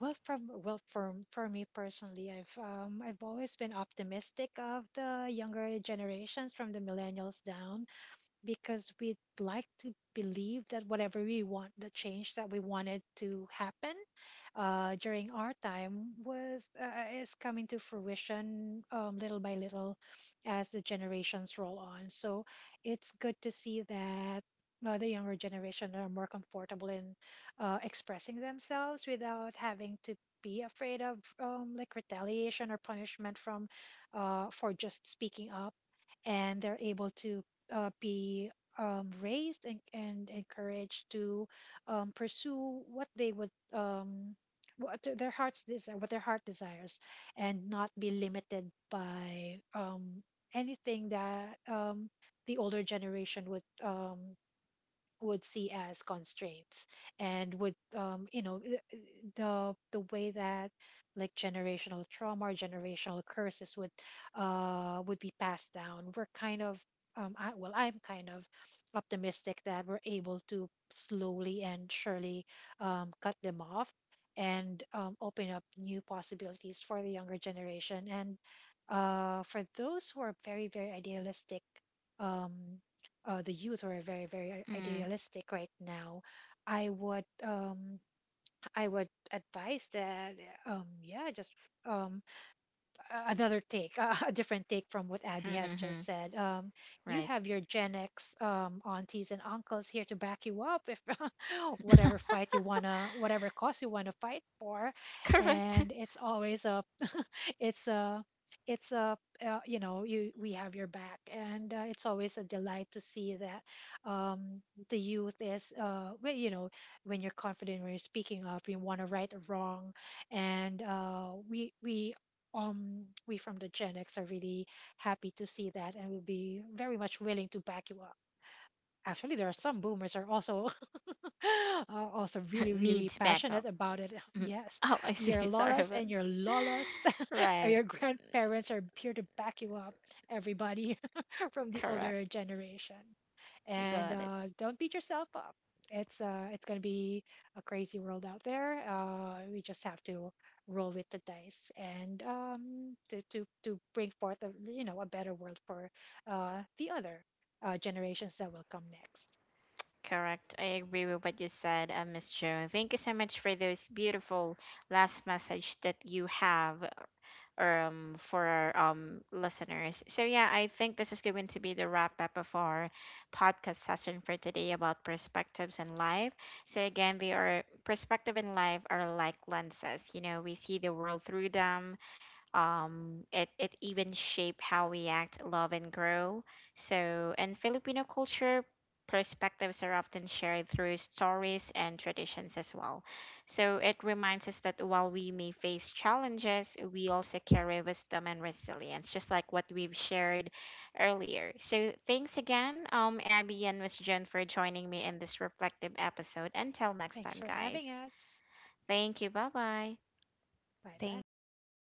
Speaker 2: well, from for me personally, I've always been optimistic of the younger generations from the millennials down, because we'd like to believe that whatever we want, the change that we wanted to happen during our time was is coming to fruition little by little as the generations roll on. So it's good to see that. The younger generation are more comfortable in expressing themselves without having to be afraid of like retaliation or punishment from for just speaking up, and they're able to be raised and encouraged to pursue what they would what their hearts desire, what their heart desires, and not be limited by anything that the older generation would see as constraints and would, you know the way that like generational trauma or generational curses would be passed down. We're kind of, well, I'm kind of optimistic that we're able to slowly and surely cut them off and open up new possibilities for the younger generation. And for those who are very very idealistic, um, the youth are very very
Speaker 1: Mm.
Speaker 2: idealistic right now. I would I would advise that, yeah, just um another take [laughs] a different take from what Abby has just
Speaker 1: [laughs]
Speaker 2: said. You
Speaker 1: Right.
Speaker 2: have your Gen X aunties and uncles here to back you up, if [laughs] whatever fight you wanna, whatever cause you wanna fight for.
Speaker 1: Correct.
Speaker 2: And it's always a it's a it's a you know, you we have your back, and it's always a delight to see that, um, the youth is, well, you know, when you're confident, when you're speaking up, you want to, right or wrong. And we from the Gen X are really happy to see that, and will be very much willing to back you up. Actually, there are some boomers are also [laughs] are also really
Speaker 1: [laughs]
Speaker 2: really
Speaker 1: Needs
Speaker 2: passionate
Speaker 1: backup.
Speaker 2: about it. [laughs]
Speaker 1: Mhm.
Speaker 2: Yes,
Speaker 1: Oh, I see.
Speaker 2: your
Speaker 1: [laughs] Sorry
Speaker 2: lolas
Speaker 1: about.
Speaker 2: and your lolas or
Speaker 1: Right.
Speaker 2: your grandparents are here to back you up, everybody [laughs] from the
Speaker 1: Correct.
Speaker 2: older generation. And
Speaker 1: Got it.
Speaker 2: don't beat yourself up. It's gonna be a crazy world out there. We just have to roll with the dice and, to bring forth a, you know, a better world for the other generations that will come next.
Speaker 1: Correct. I agree with what you said, Miss Joan. Thank you so much for those beautiful last message that you have, or, for our, listeners. So, yeah, I think this is going to be the wrap up of our podcast session for today about perspectives in life. So, again, they are perspective in life are like lenses. You know, we see the world through them, it even shape how we act, love, and grow. So, and Filipino culture perspectives are often shared through stories and traditions as well. So, it reminds us that while we may face challenges, we also carry wisdom and resilience, just like what we've shared earlier. So, thanks again, Abby and Miss Jen, for joining me in this reflective episode. Until next
Speaker 2: Thanks
Speaker 1: time,
Speaker 2: for having
Speaker 1: guys.
Speaker 2: us.
Speaker 1: Thank you. Bye bye.
Speaker 2: Bye bye.
Speaker 3: Thanks, bye.